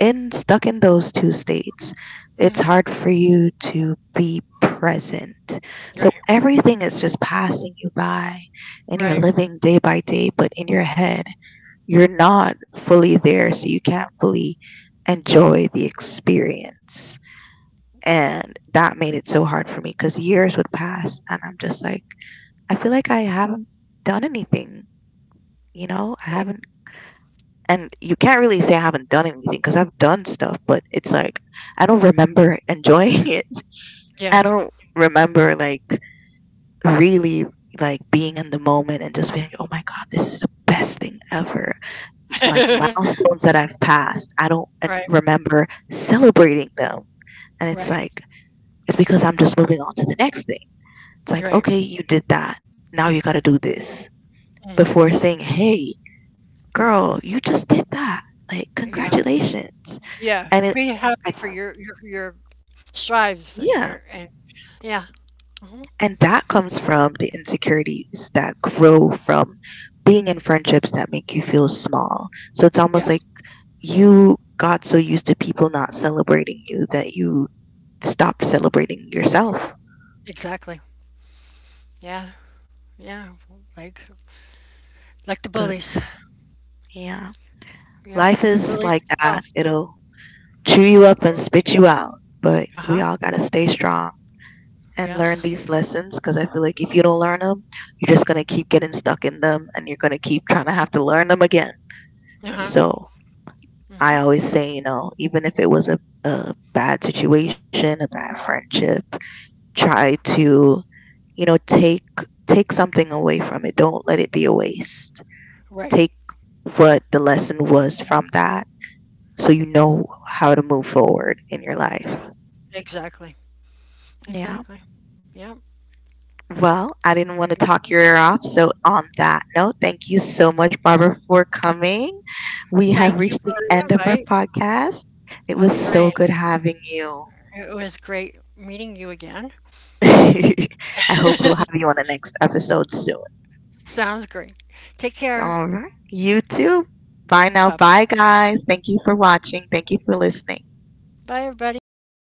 Speaker 1: in stuck in those two states, it's
Speaker 2: hmm
Speaker 1: hard for you to be present. So
Speaker 2: right,
Speaker 1: everything is just passing you by and you're
Speaker 2: right,
Speaker 1: living day by day, but in your head you're not fully there, so you can't fully enjoy the experience. And that made it so hard for me because years would pass, and I'm just like, I feel like I haven't done anything, you know? I
Speaker 2: right.
Speaker 1: haven't, and you can't really say I haven't done anything because I've done stuff, but it's like, I don't remember enjoying it. I
Speaker 2: Yeah,
Speaker 1: don't remember like really like being in the moment and just being like, oh my god, this is the best thing ever. Like milestones that I've passed. I don't uh,
Speaker 2: right,
Speaker 1: remember celebrating them. And it's
Speaker 2: right,
Speaker 1: like, it's because I'm just moving on to the next thing. It's like,
Speaker 2: right.
Speaker 1: okay, you did that. Now you got to do this. Before
Speaker 2: Hmm.
Speaker 1: saying, hey girl, you just did that. Like,
Speaker 2: Yeah.
Speaker 1: congratulations.
Speaker 2: Yeah,
Speaker 1: And it,
Speaker 2: be happy
Speaker 1: like,
Speaker 2: for your your your strives and your
Speaker 1: yeah.
Speaker 2: and yeah, mhm,
Speaker 1: And that comes from the insecurities that grow from being in friendships that make you feel small. So it's almost
Speaker 2: yes,
Speaker 1: like you got so used to people not celebrating you that you stopped
Speaker 2: don't
Speaker 1: celebrating
Speaker 2: worry you.
Speaker 1: yourself.
Speaker 2: Exactly. Yeah, yeah, like like the
Speaker 1: But
Speaker 2: bullies.
Speaker 1: yeah,
Speaker 2: Yep,
Speaker 1: life
Speaker 2: you
Speaker 1: is
Speaker 2: bullied
Speaker 1: like
Speaker 2: yourself.
Speaker 1: that. It'll chew you up
Speaker 2: Uh
Speaker 1: and spit you out. But
Speaker 2: huh.
Speaker 1: we all got to stay strong and learn
Speaker 2: Yes.
Speaker 1: these lessons because I feel like if you don't learn them, you're just going to keep getting stuck in them, and you're going to keep trying to have to learn them again.
Speaker 2: Uh huh.
Speaker 1: So I
Speaker 2: Mhm.
Speaker 1: always say, you know, even if it was a, a bad situation, a bad friendship, try to, you know, take take something away from it. Don't let it be a waste.
Speaker 2: Right.
Speaker 1: Take what the lesson was from that so you know how to move forward in your life.
Speaker 2: Ex- Exactly.
Speaker 1: Yeah.
Speaker 2: Exactly. Yep.
Speaker 1: Well, I didn't want to talk your ear off. So, on that note, thank you so much, Barbara, for coming. We have
Speaker 2: Thank you
Speaker 1: reached
Speaker 2: for
Speaker 1: the
Speaker 2: the
Speaker 1: end of our
Speaker 2: invite.
Speaker 1: podcast. It was
Speaker 2: All
Speaker 1: so
Speaker 2: right.
Speaker 1: good having you.
Speaker 2: It was great meeting you again.
Speaker 1: I hope we'll have you on the next episode soon.
Speaker 2: Sounds great. Take care.
Speaker 1: All right. You too. Bye now. Bye,
Speaker 2: Bye.
Speaker 1: guys. Thank you for watching. Thank you for listening.
Speaker 2: Bye, everybody.